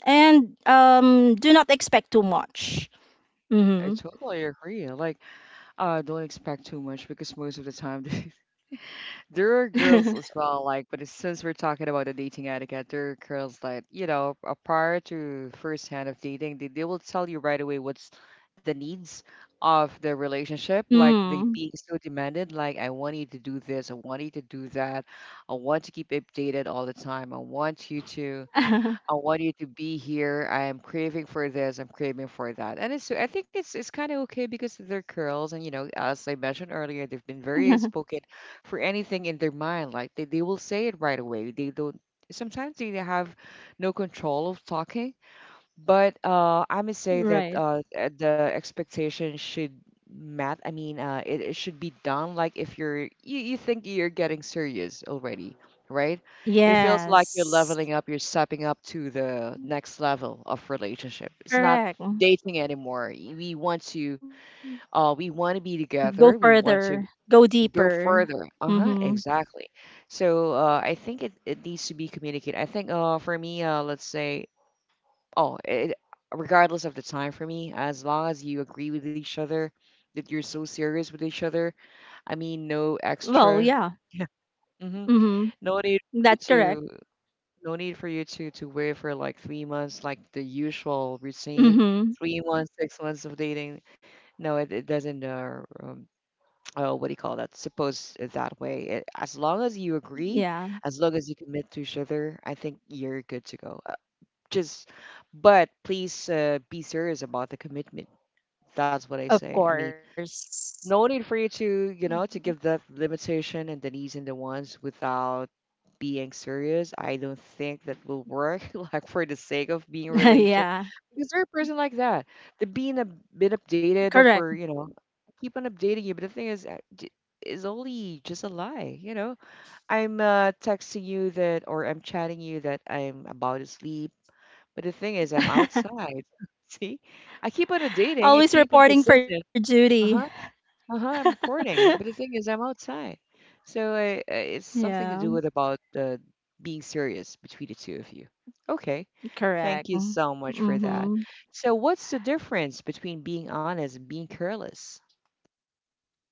and um, do not expect too much. I Mm-hmm. totally agree. Like, uh, don't expect too much because most of the time. There are girls as well, like, but it's- since we're talking about the dating etiquette, there are girls that, you know, uh, prior to first hand of dating, they, they will tell you right away what's the needs of the relationship. Like, mm. they being so demanded, like, I want you to do this, I want you to do that, I want to keep updated all the time, I want you to I want you to be here. I am craving for this. I'm craving for that. And it's I think it's it's kind of okay because they're girls, and, you know, as I mentioned earlier, they've been very spoken for anything in their mind. Like, they, they will say it right away. They don't. Sometimes they have no control of talking, but uh, I must say that right. uh, uh, the expectation should mat. I mean, uh, it, it should be done like, if you're you, you think you're getting serious already, right? It feels like you're Yes. leveling up, you're stepping up to the next level of relationship. It's not Correct. dating anymore. Y- We want to uh, we want to be Go together. We want further. to Go go deeper. further. Uh-huh, Mm-hmm. exactly. So uh, I think it, it needs to be communicated. I think, uh, for me, uh, let's say. Oh, it, regardless of the time for me, as long as you agree with each other, that you're so serious with each other. I mean, no Well, extra. yeah. Yeah. Hmm. Mm-hmm. No need for you That's correct. to no need for you to to wait for like three months, like the usual routine, Mm-hmm. three months, six months of dating. No, it, it doesn't. Uh, um, oh, what do you call that? Suppose that way. It, as long as you agree, Yeah. as long as you commit to each other, I think you're good to go, just, but please uh, be serious about the commitment. That's what I Of say. I mean, course. no need for you to, you know to give the limitation and the needs and the wants without being serious. I don't think that will work. Like, for the sake of being in a relationship, yeah, because there are person like that, the being a bit updated, for correct. you know keep on updating you. But the thing is, uh, j- is only just a lie you know I'm uh, texting you that, or I'm chatting you that I'm about to sleep. But the thing is, I'm outside. See, I keep on dating. I Always keep on reporting for consistent. duty. Uh huh. Uh huh. I'm reporting. But the thing is, I'm outside. So, I, I, it's something to yeah, do with about uh, being serious between the two of you. Okay. Thank correct. you so much for that. Mm-hmm. So what's the difference between being honest and being careless?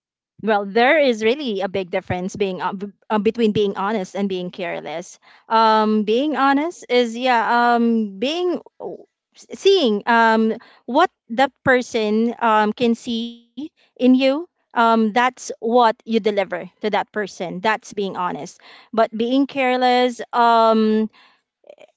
Well, there is really a big difference being uh, b- uh, between being honest and being careless. Um, being honest is yeah, um, being w- s- seeing um what that person um can see in you. Um, that's what you deliver to that person. That's being honest. But being careless, um,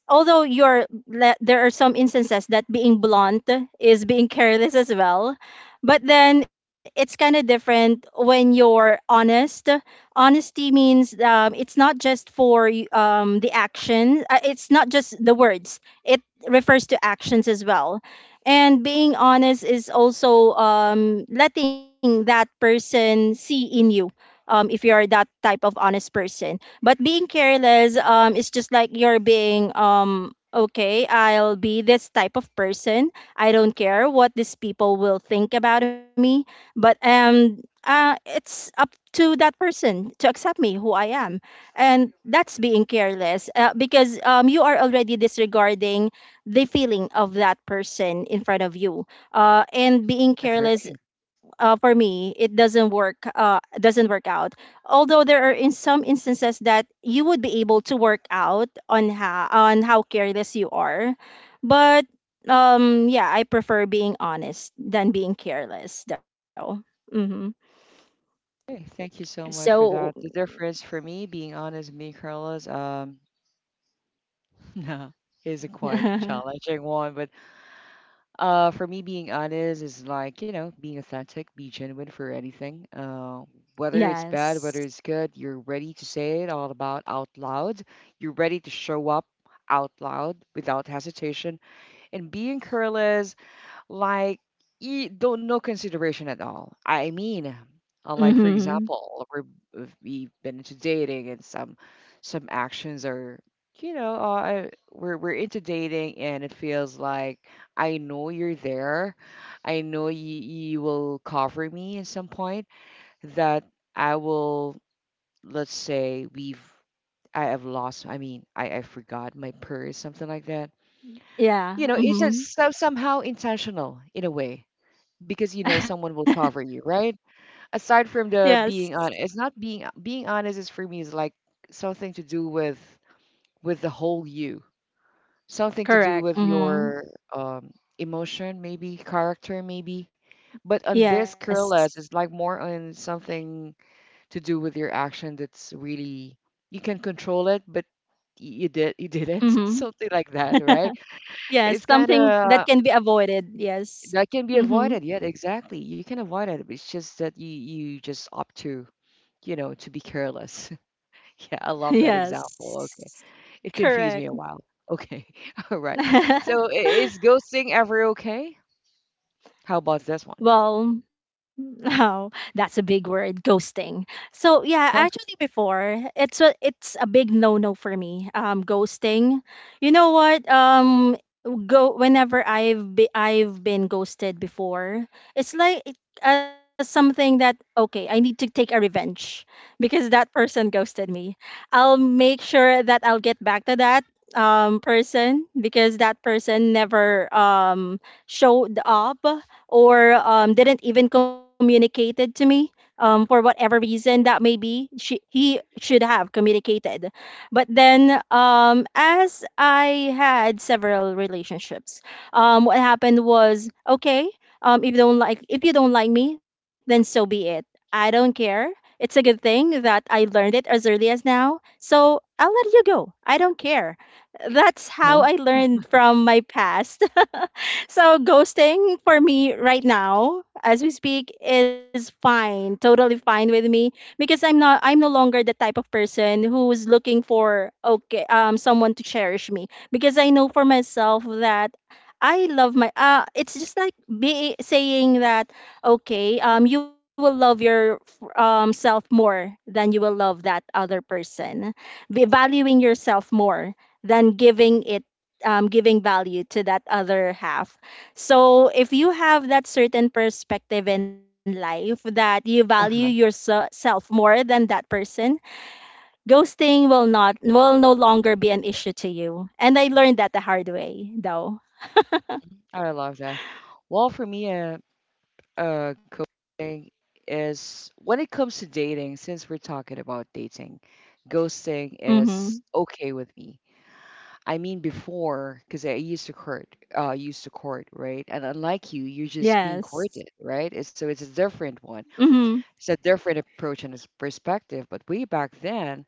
although you're le- there are some instances that being blunt is being careless as well, but then it's kind of different when you're honest. Honesty means, um, it's not just for y- um, the action, uh, it's not just the words, it refers to actions as well. And being honest is also, um, letting that person see in you, um, if you're that type of honest person. But being careless um is just like you're being um okay, I'll be this type of person. I don't care what these people will think about me, but um uh it's up to that person to accept me who I am. And that's being careless, uh, because um you are already disregarding the feeling of that person in front of you. Uh and being careless, Agree. uh, for me, it doesn't work. Uh, doesn't work out, although there are in some instances that you would be able to work out on how on how careless you are. But um yeah, I prefer being honest than being careless though. Mm-hmm. Okay, thank you so much for So, that. The difference for me, being honest and being careless, um, no, is a quite challenging one, but Uh, for me, being honest is like, you know, being authentic, be genuine for anything. Uh, whether it's bad, whether yes. it's good, you're ready to say it all about out loud. You're ready to show up out loud without hesitation. And being careless, like, you don't no consideration at all. I mean, uh, like for Mm-hmm. example, we're, if we've been into dating, and some some actions are, you know uh, I- we're we're into dating, and it feels like I know you're there, I know you, you will cover me at some point, that I will let's say we've I have lost. I mean, I, I forgot my purse, something like that. You know, Yeah. It's a, mm-hmm. so somehow intentional in a way, because you know someone will cover you, right? Aside from the yes. being on, it's not being being honest is for me is like something to do with with the whole you, something to do Correct. with Mm-hmm. your um, emotion, maybe character, maybe. But on this Yes. careless, it's like more on something to do with your action, that's really you can control it, but y- you did you didn't Mm-hmm. something like that, right? yes, It's kind something that of can be avoided, yes. That can be Mm-hmm. avoided. Yeah, exactly. You can avoid it. It's just that you you just opt to, you know, to be careless. Yeah, I love that example. Okay. yes, It confused me correct. a while. Okay. All right. So, i- is ghosting ever okay? How about this one? Well, no, that's a big word, ghosting. So yeah, Huh? actually before it's a it's a big no no for me. Um, ghosting. You know what? Um, go Whenever I've be, I've been ghosted before, it's like it- as something that okay, I need to take a revenge because that person ghosted me. I'll make sure that I'll get back to that um person, because that person never um showed up or um, didn't even communicate it to me, um, for whatever reason that may be. She, he should have communicated. But then, um, as I had several relationships, um, what happened was okay, um, if you don't like, if you don't like me, then so be it. I don't care. It's a good thing that I learned it as early as now, so I'll let you go. I don't care. That's how Huh? I learned from my past. so ghosting for me right now as we speak is fine, totally fine with me, because i'm not I'm no longer the type of person who's looking for okay, um someone to cherish me, because I know for myself that I love my uh it's just like be saying that okay, um you will love your um self more than you will love that other person. Be valuing yourself more than giving it, um, giving value to that other half. So, if you have that certain perspective in life that you value Uh-huh. yourself more than that person, ghosting will not will no longer be an issue to you. And I learned that the hard way, though. I love that. Well, for me, uh, uh, ghosting is, when it comes to dating, since we're talking about dating, ghosting is Mhm. okay with me. I mean before, because I used to court, uh, used to court, right? And unlike you, you're just being courted, Yes. right? It's- So it's a different one. Mhm. It's a different approach and it's perspective. But way back then,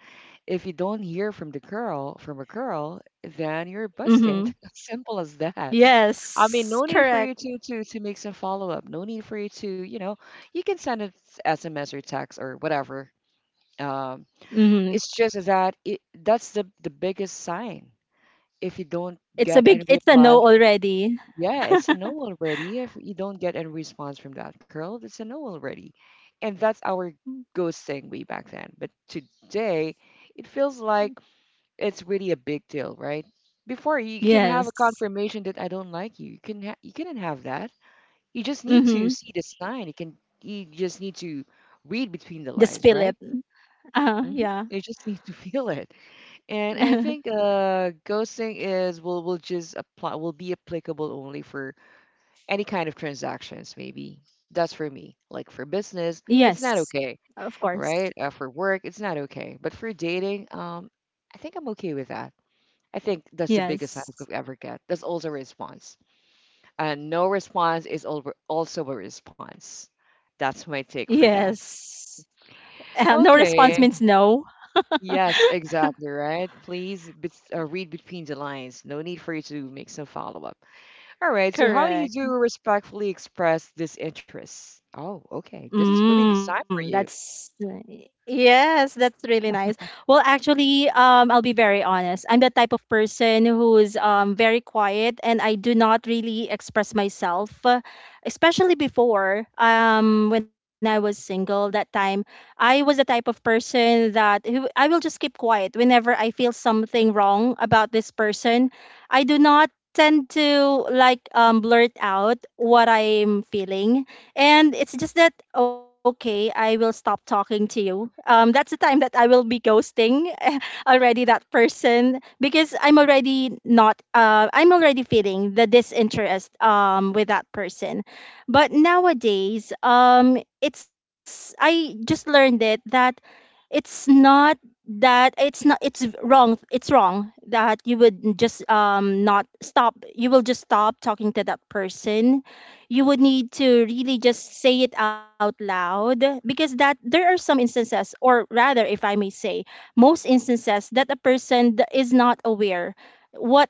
if you don't hear from the girl, from a girl, then you're Mhm. busted. Simple as that. I mean, Yes. no need for Correct. you to to to make some follow up. No need for you to, you know, you can send an S M S or text or whatever. Um, Mhm. it's just that it, that's the the biggest sign if you don't It's a get big, any it's a reply, no already. yeah, it's a no already. If you don't get any response from that girl, it's a no already. And that's our ghosting way back then. But today, it feels like it's really a big deal, right? Before you can have a Yes. confirmation that I don't like you. You can ha- you couldn't have that. You just need to Mhm. see the sign. You can you just need to read between Just the feel lines, it. right? Uh, hmm yeah. You just need to feel it. And I think uh, ghosting is will will just apply will be applicable only for any kind of transactions, maybe. That's for me. Like for business, it's yes. not okay, Of course. right? Uh, for work, it's not okay. But for dating, um, I think I'm okay with that. I think that's the biggest I Yes. could ever get. That's also a response. And no response is al- also a response. That's my take for that. Yes. Uh, no response means Okay. no. Yes, exactly, right? Please bet uh, read between the lines. No need for you to make some follow-up. All right, so how do you Correct. do respectfully express disinterest? Oh, okay. This is really Mm, designed for you. that's ni- yes, that's really nice. Well, actually, um, I'll be very honest. I'm the type of person who's um very quiet, and I do not really express myself, uh, especially before um when I was single. That time, I was the type of person that who I will just keep quiet whenever I feel something wrong about this person. I do not tend to like um blurt out what I'm feeling, and it's just that okay, I will stop talking to you. Um that's the time that I will be ghosting already that person, because I'm already not uh I'm already feeling the disinterest um with that person. But nowadays, um it's I just learned it that it's not that it's not, it's wrong it's wrong that you would just um not stop, you will just stop talking to that person. You would need to really just say it out loud, because that there are some instances or rather if I may say most instances that a person th- is not aware what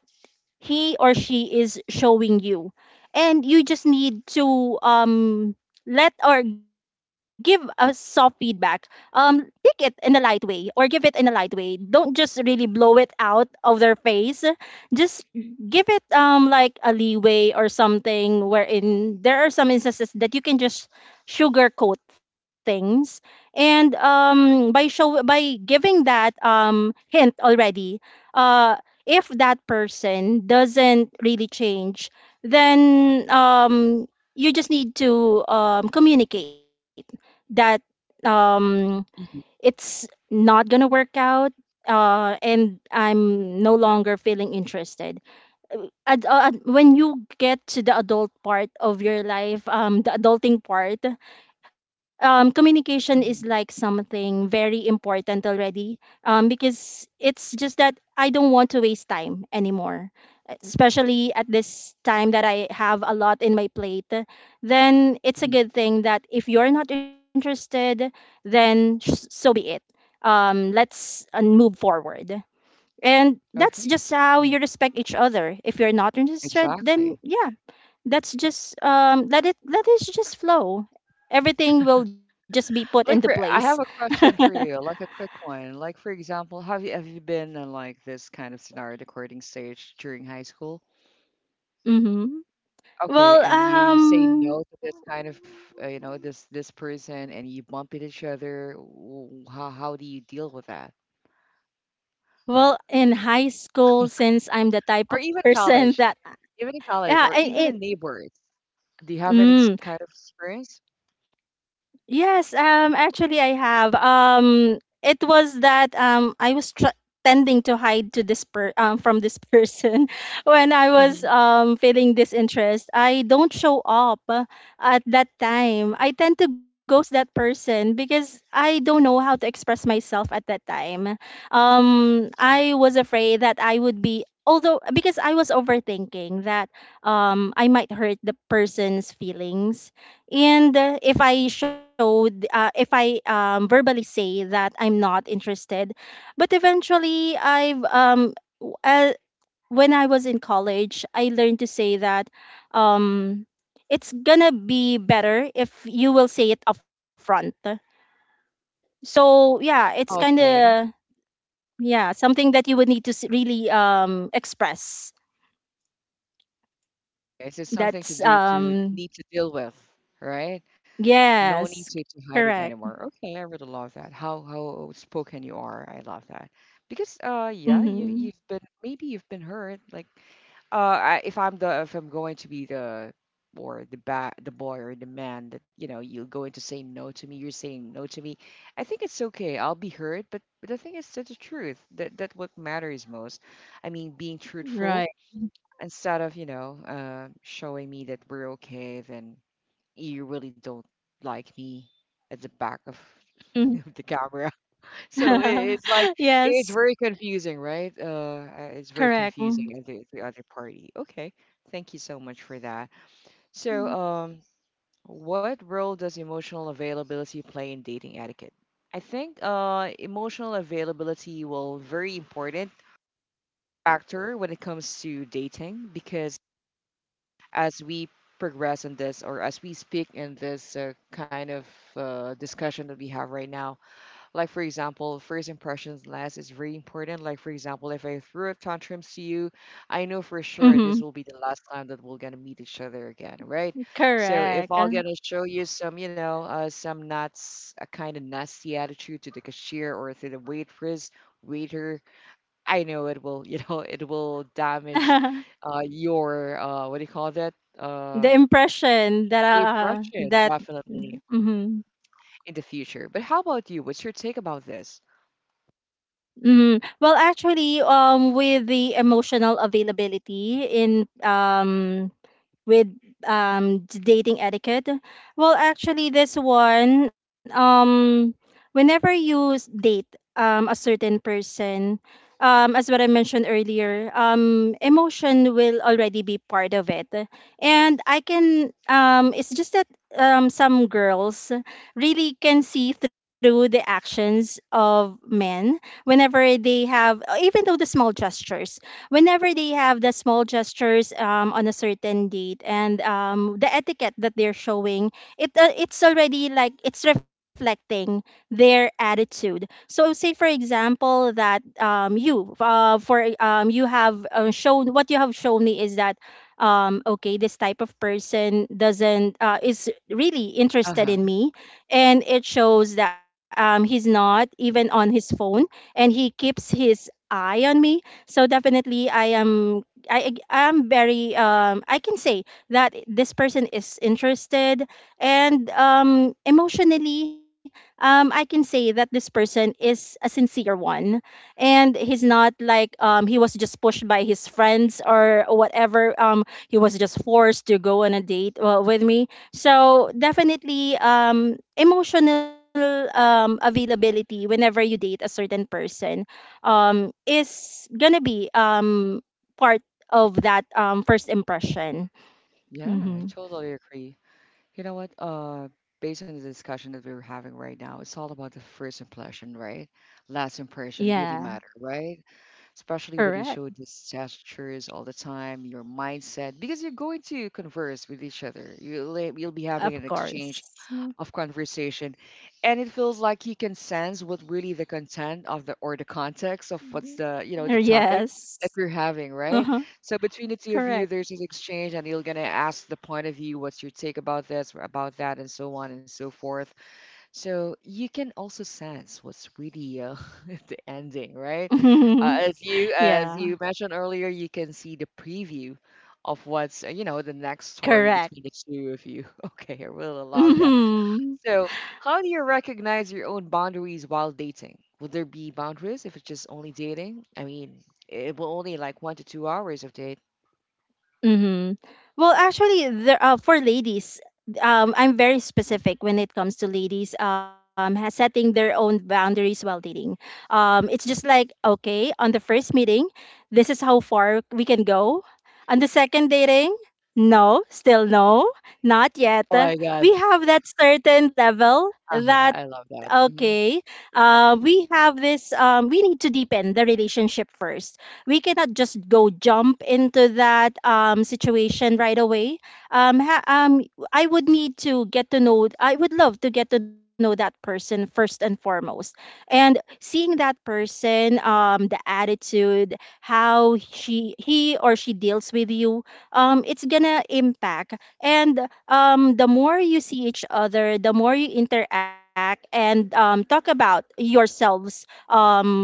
he or she is showing you. And you just need to, um, let or give a soft feedback. Um, take it in a light way or give it in a light way. Don't just really blow it out of their face. Just give it um, like a leeway or something, wherein there are some instances that you can just sugarcoat things and um by show by giving that um hint already. uh if that person doesn't really change, then um, you just need to, um, communicate that, um, Mhm, it's not gonna work out, uh, and I'm no longer feeling interested. Ad- uh, ad- when you get to the adult part of your life, um, the adulting part, um, communication is like mhm, something very important already, um, because it's just that I don't want to waste time anymore, especially at this time that I have a lot in my plate. Then it's a mhm. good thing that if you're not interested, then sh- so be it. Um, let's uh, move forward. And that's Okay. just how you Mhm. respect each other. If you're not interested, then Exactly. yeah, that's just um let it, let it just flow. Everything will just be put into Like for, place. I have a question for you, like a quick one. Like for example, have you have you been in like this kind of scenario recording stage during high school? Mm-hmm. Okay, Well, and you say um no to this kind of, uh, you know, this this person, and you bump into each other. w- How how do you deal with that? well, in high school, since I'm the type Or of even person college, that even in college, yeah, or and even it, in neighbors. Do you have any ex- mm, kind of experience? yes, um, actually, I have. Um, it was that um, I was tr tending to hide to this per um, from this person when I was Hmm. um, feeling this interest. I don't show up uh, at that time. I tend to ghost that person because I don't know how to express myself at that time. Um, I was afraid that I would be. Although, because I was overthinking that um, I might hurt the person's feelings, and uh, if I showed, uh, if I, um, verbally say that I'm not interested, but eventually I've, um, w- uh, when I was in college, I learned to say that, um, it's gonna be better if you will say it upfront. So yeah, it's kind of Okay, yeah, something that you would need to s- really um, express. is it something to That's do to um, need to deal with, right? No need yes, to, to hide correct. it anymore. Okay, I really love that. How how spoken you are. I love that. Because uh yeah, you Mm-hmm. you've been maybe you've been hurt. Like uh I, if I'm the if I'm going to be the or the ba the boy or the man that you know you're going to say no to me, you're saying no to me. I think it's okay. I'll be hurt, but but I think it's the truth that that what matters most. I mean, being Right. truthful instead of you know uh showing me that we're okay then you really don't like me at the back of Mm-hmm. of the camera. So it- it's like Yes, it's very confusing, right? Uh, uh, it's very correct. confusing Mm-hmm. at the, the other party. Okay, thank you so much for that. So, um, what role does emotional availability play in dating etiquette? I think uh, emotional availability will very important factor when it comes to dating because as we progress in this or as we speak in this uh, kind of uh, discussion that we have right now. Like, for example, first impressions last is very important. Like, for example, if I threw a tantrum to you, I know for sure this Mm-hmm. will be the last time that we're going to meet each other again, right? So if Correct. I'm going to show you some, you know, uh, some nuts, a kind of nasty attitude to the cashier or to the waitress, waiter, I know it will, you know, it will damage uh, your uh, what do you call that? Uh, The impression that uh impression that definitely mm-hmm. in the future. But how about you? What's your take about this? Mm-hmm. Well, actually, um, with the emotional availability in um with um d- dating etiquette, well actually this one um whenever you s- date um a certain person, um as what I mentioned earlier, um emotion will already be part of it. And I can um it's just that um some girls really can see through the actions of men whenever they have even though the small gestures, whenever they have the small gestures um, on a certain date and um, the etiquette that they're showing, it uh, it's already like it's reflecting their attitude. So say for example that um, you uh, for um, you have uh, shown what you have shown me is that um, okay, this type of person doesn't uh, is really interested Uh-huh. in me, and it shows that um, he's not even on his phone and he keeps his eye on me. So definitely, I am I I am very um I can say that this person is interested, and um emotionally um I can say that this person is a sincere one, and he's not like um he was just pushed by his friends, or whatever um he was just forced to go on a date uh, with me. So definitely um emotional um availability whenever you date a certain person um, is gonna be um, part of that um, first impression. Yeah, I Hmm. totally agree. You know what? Uh, based on the discussion that we were having right now, it's all about the first impression, right? Last impression really Yeah, matter, right? Especially when you correct. show these gestures all the time, your mindset, because you're going to converse with each other. You'll, you'll be having an Of exchange course. Mm, of conversation, and it feels like you can sense what really the content of the or the context of what's mm, the you know the mm. topic that Yes. you're having, Uh right? huh. So between the two of you, Correct. there's this exchange, and you're gonna ask the point of view, what's your take about this, or about that, and so on and so forth. So you can also sense what's really uh, the ending, right? Uh, as you as Yeah. you mentioned earlier, you can see the preview of what's uh, you know the next story Correct. between the two of you. Okay, I really love that. Hmm. So how do you recognize your own boundaries while dating? Would there be boundaries if it's just only dating? I mean, it will only like one to two hours of date. Mm-hmm. Well, actually, there uh, for ladies, um, I'm very Mhm. specific when it comes to ladies um, ha- setting their own boundaries while dating. Um, it's just like, okay, on the first meeting, this is how far we can go. On the second dating, no, still no, not yet. Oh my God. We have that certain level Uh-huh. that, I love that. okay, Mm-hmm. uh, we have this. Um, we need to deepen the relationship first. We cannot just go jump into that um, situation right away. Um, ha- um, I would need to get to know, I would love to get to know that person first and foremost. And seeing that person, um, the attitude, how she, he or she deals with you, um, it's gonna impact. And um, the more you see each other, the more you interact and um, talk about yourselves um,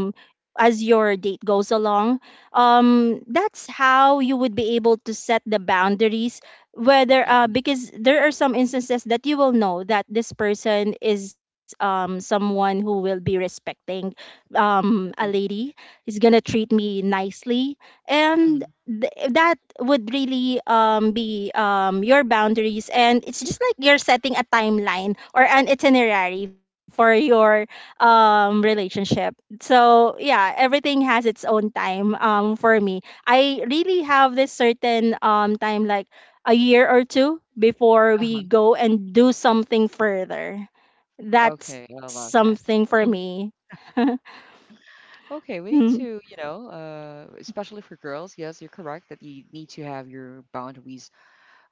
as your date goes along, um, that's how you would be able to set the boundaries. Whether uh, Hmm. because there are some instances that you will know that this person is um, someone who will be respecting um, a lady, is gonna treat me nicely, and Hmm. th- that would really um, be um, your boundaries, and it's just like you're setting a timeline or an itinerary for your um, relationship. So yeah, everything has its own time. um for me, I really have this certain um time, like a year or two before Uh-huh. we go and do something further. That's Okay, I love something that. for me. Mhm. Okay, we Mm. need to, you know, uh, especially for girls, yes, you're correct that you need to have your boundaries,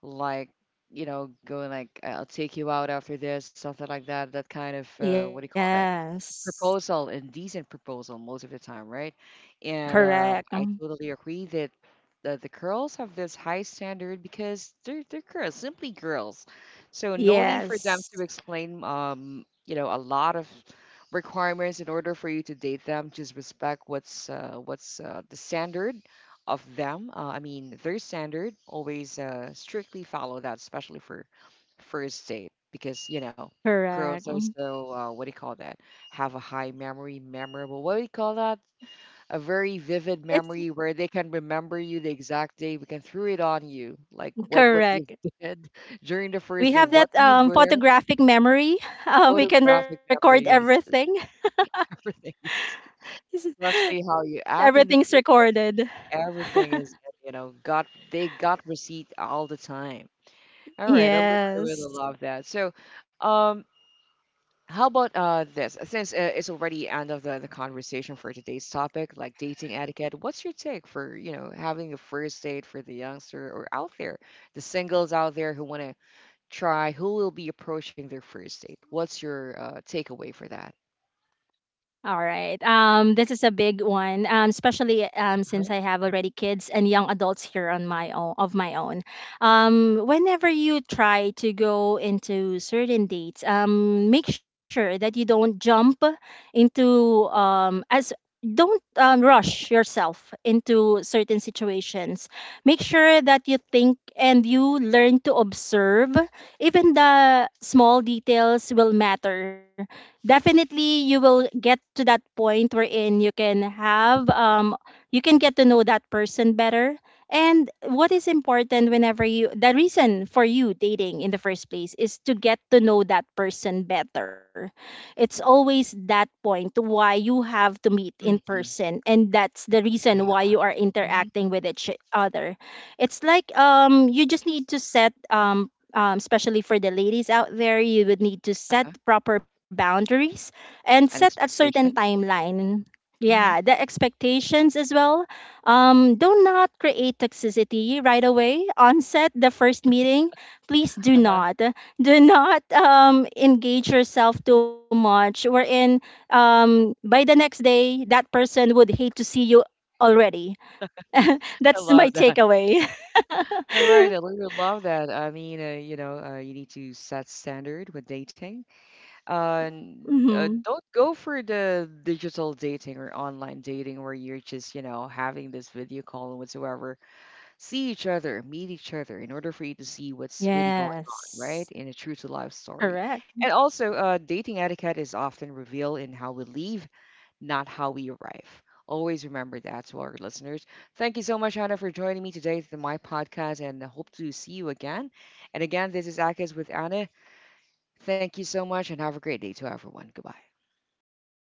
like, you know, going like, I'll take you out after this, something like that, that kind of, uh, what do you call that? Yes, Proposal and decent proposal most of the time, right? And correct. uh, I Mm. totally agree that the, the girls have this high standard because they're they're girls, simply girls. So no need for them Yes, to explain, um, you know, a lot of requirements in order for you to date them. Just respect what's uh, what's uh, the standard of them. Uh, I mean, their standard. Always uh, strictly follow that, especially for first date, because you know, girls correct. are Mm. so uh, what do you call that? Have a high memory, memorable, what do you call that? A very vivid It's memory where they can remember you the exact day, we can throw it on you, like what what you correct. did during the We first day, have what that you um, wear, photographic memory. Uh, we can photographic record memory, yes, everything. everything, especially how you act in the Everything's first day, recorded. everything is, you know, got they got receipt all the time. All right, I, lo- I really Yes. love that. So, um, how about uh this? Since uh, it's already end of the, the conversation for today's topic, like dating etiquette, what's your take for, you know, having a first date for the youngster or out there, the singles out there who want to try, who will be approaching their first date? What's your uh, takeaway for that? All right. Um, this is a big one, um, especially um, since I Uh-huh. have already kids and young adults here on my own, of my own. Um, whenever you try to go into certain dates, um, make sure that you don't jump into um, as don't um, rush yourself into certain situations. Make sure that you think and you learn to observe. Even the small details will matter. Definitely you will get to that point wherein you can have um you can get to know that person better. And what is important, whenever you, the reason for you dating in the first place is to get to know that person better. It's always that point why you have to meet in Hmm. person, and that's the Yeah. reason why you are Hmm. interacting with each other. It's like um you just need to set um um, especially for the ladies out there, you would need to Uh-huh. set proper boundaries and set a An certain expectation. timeline. Yeah, Hmm. the expectations as well. Um, do not create toxicity right away. On set, the first meeting, please do Uh-huh. not. Do not um, engage yourself too much, wherein um, by the next day, that person would hate to see you already. I That's my love that. takeaway. All right, I really love that. I mean, uh, you know, uh, you need to set standard with dating. Uh, n- Mhm. uh, don't go for the digital dating or online dating where you're just, you know, having this video call and whatsoever. See each other, meet each other in order for you to see what's really going on, Yes, right? In a true to life story. correct. And also, uh, dating etiquette is often revealed in how we leave, not how we arrive. Always remember that to our listeners. Thank you so much, Hannah, for joining me today to my podcast and I hope to see you again. And again, this is Akis with Anna. Thank you so much and have a great day to everyone. Goodbye. Bye.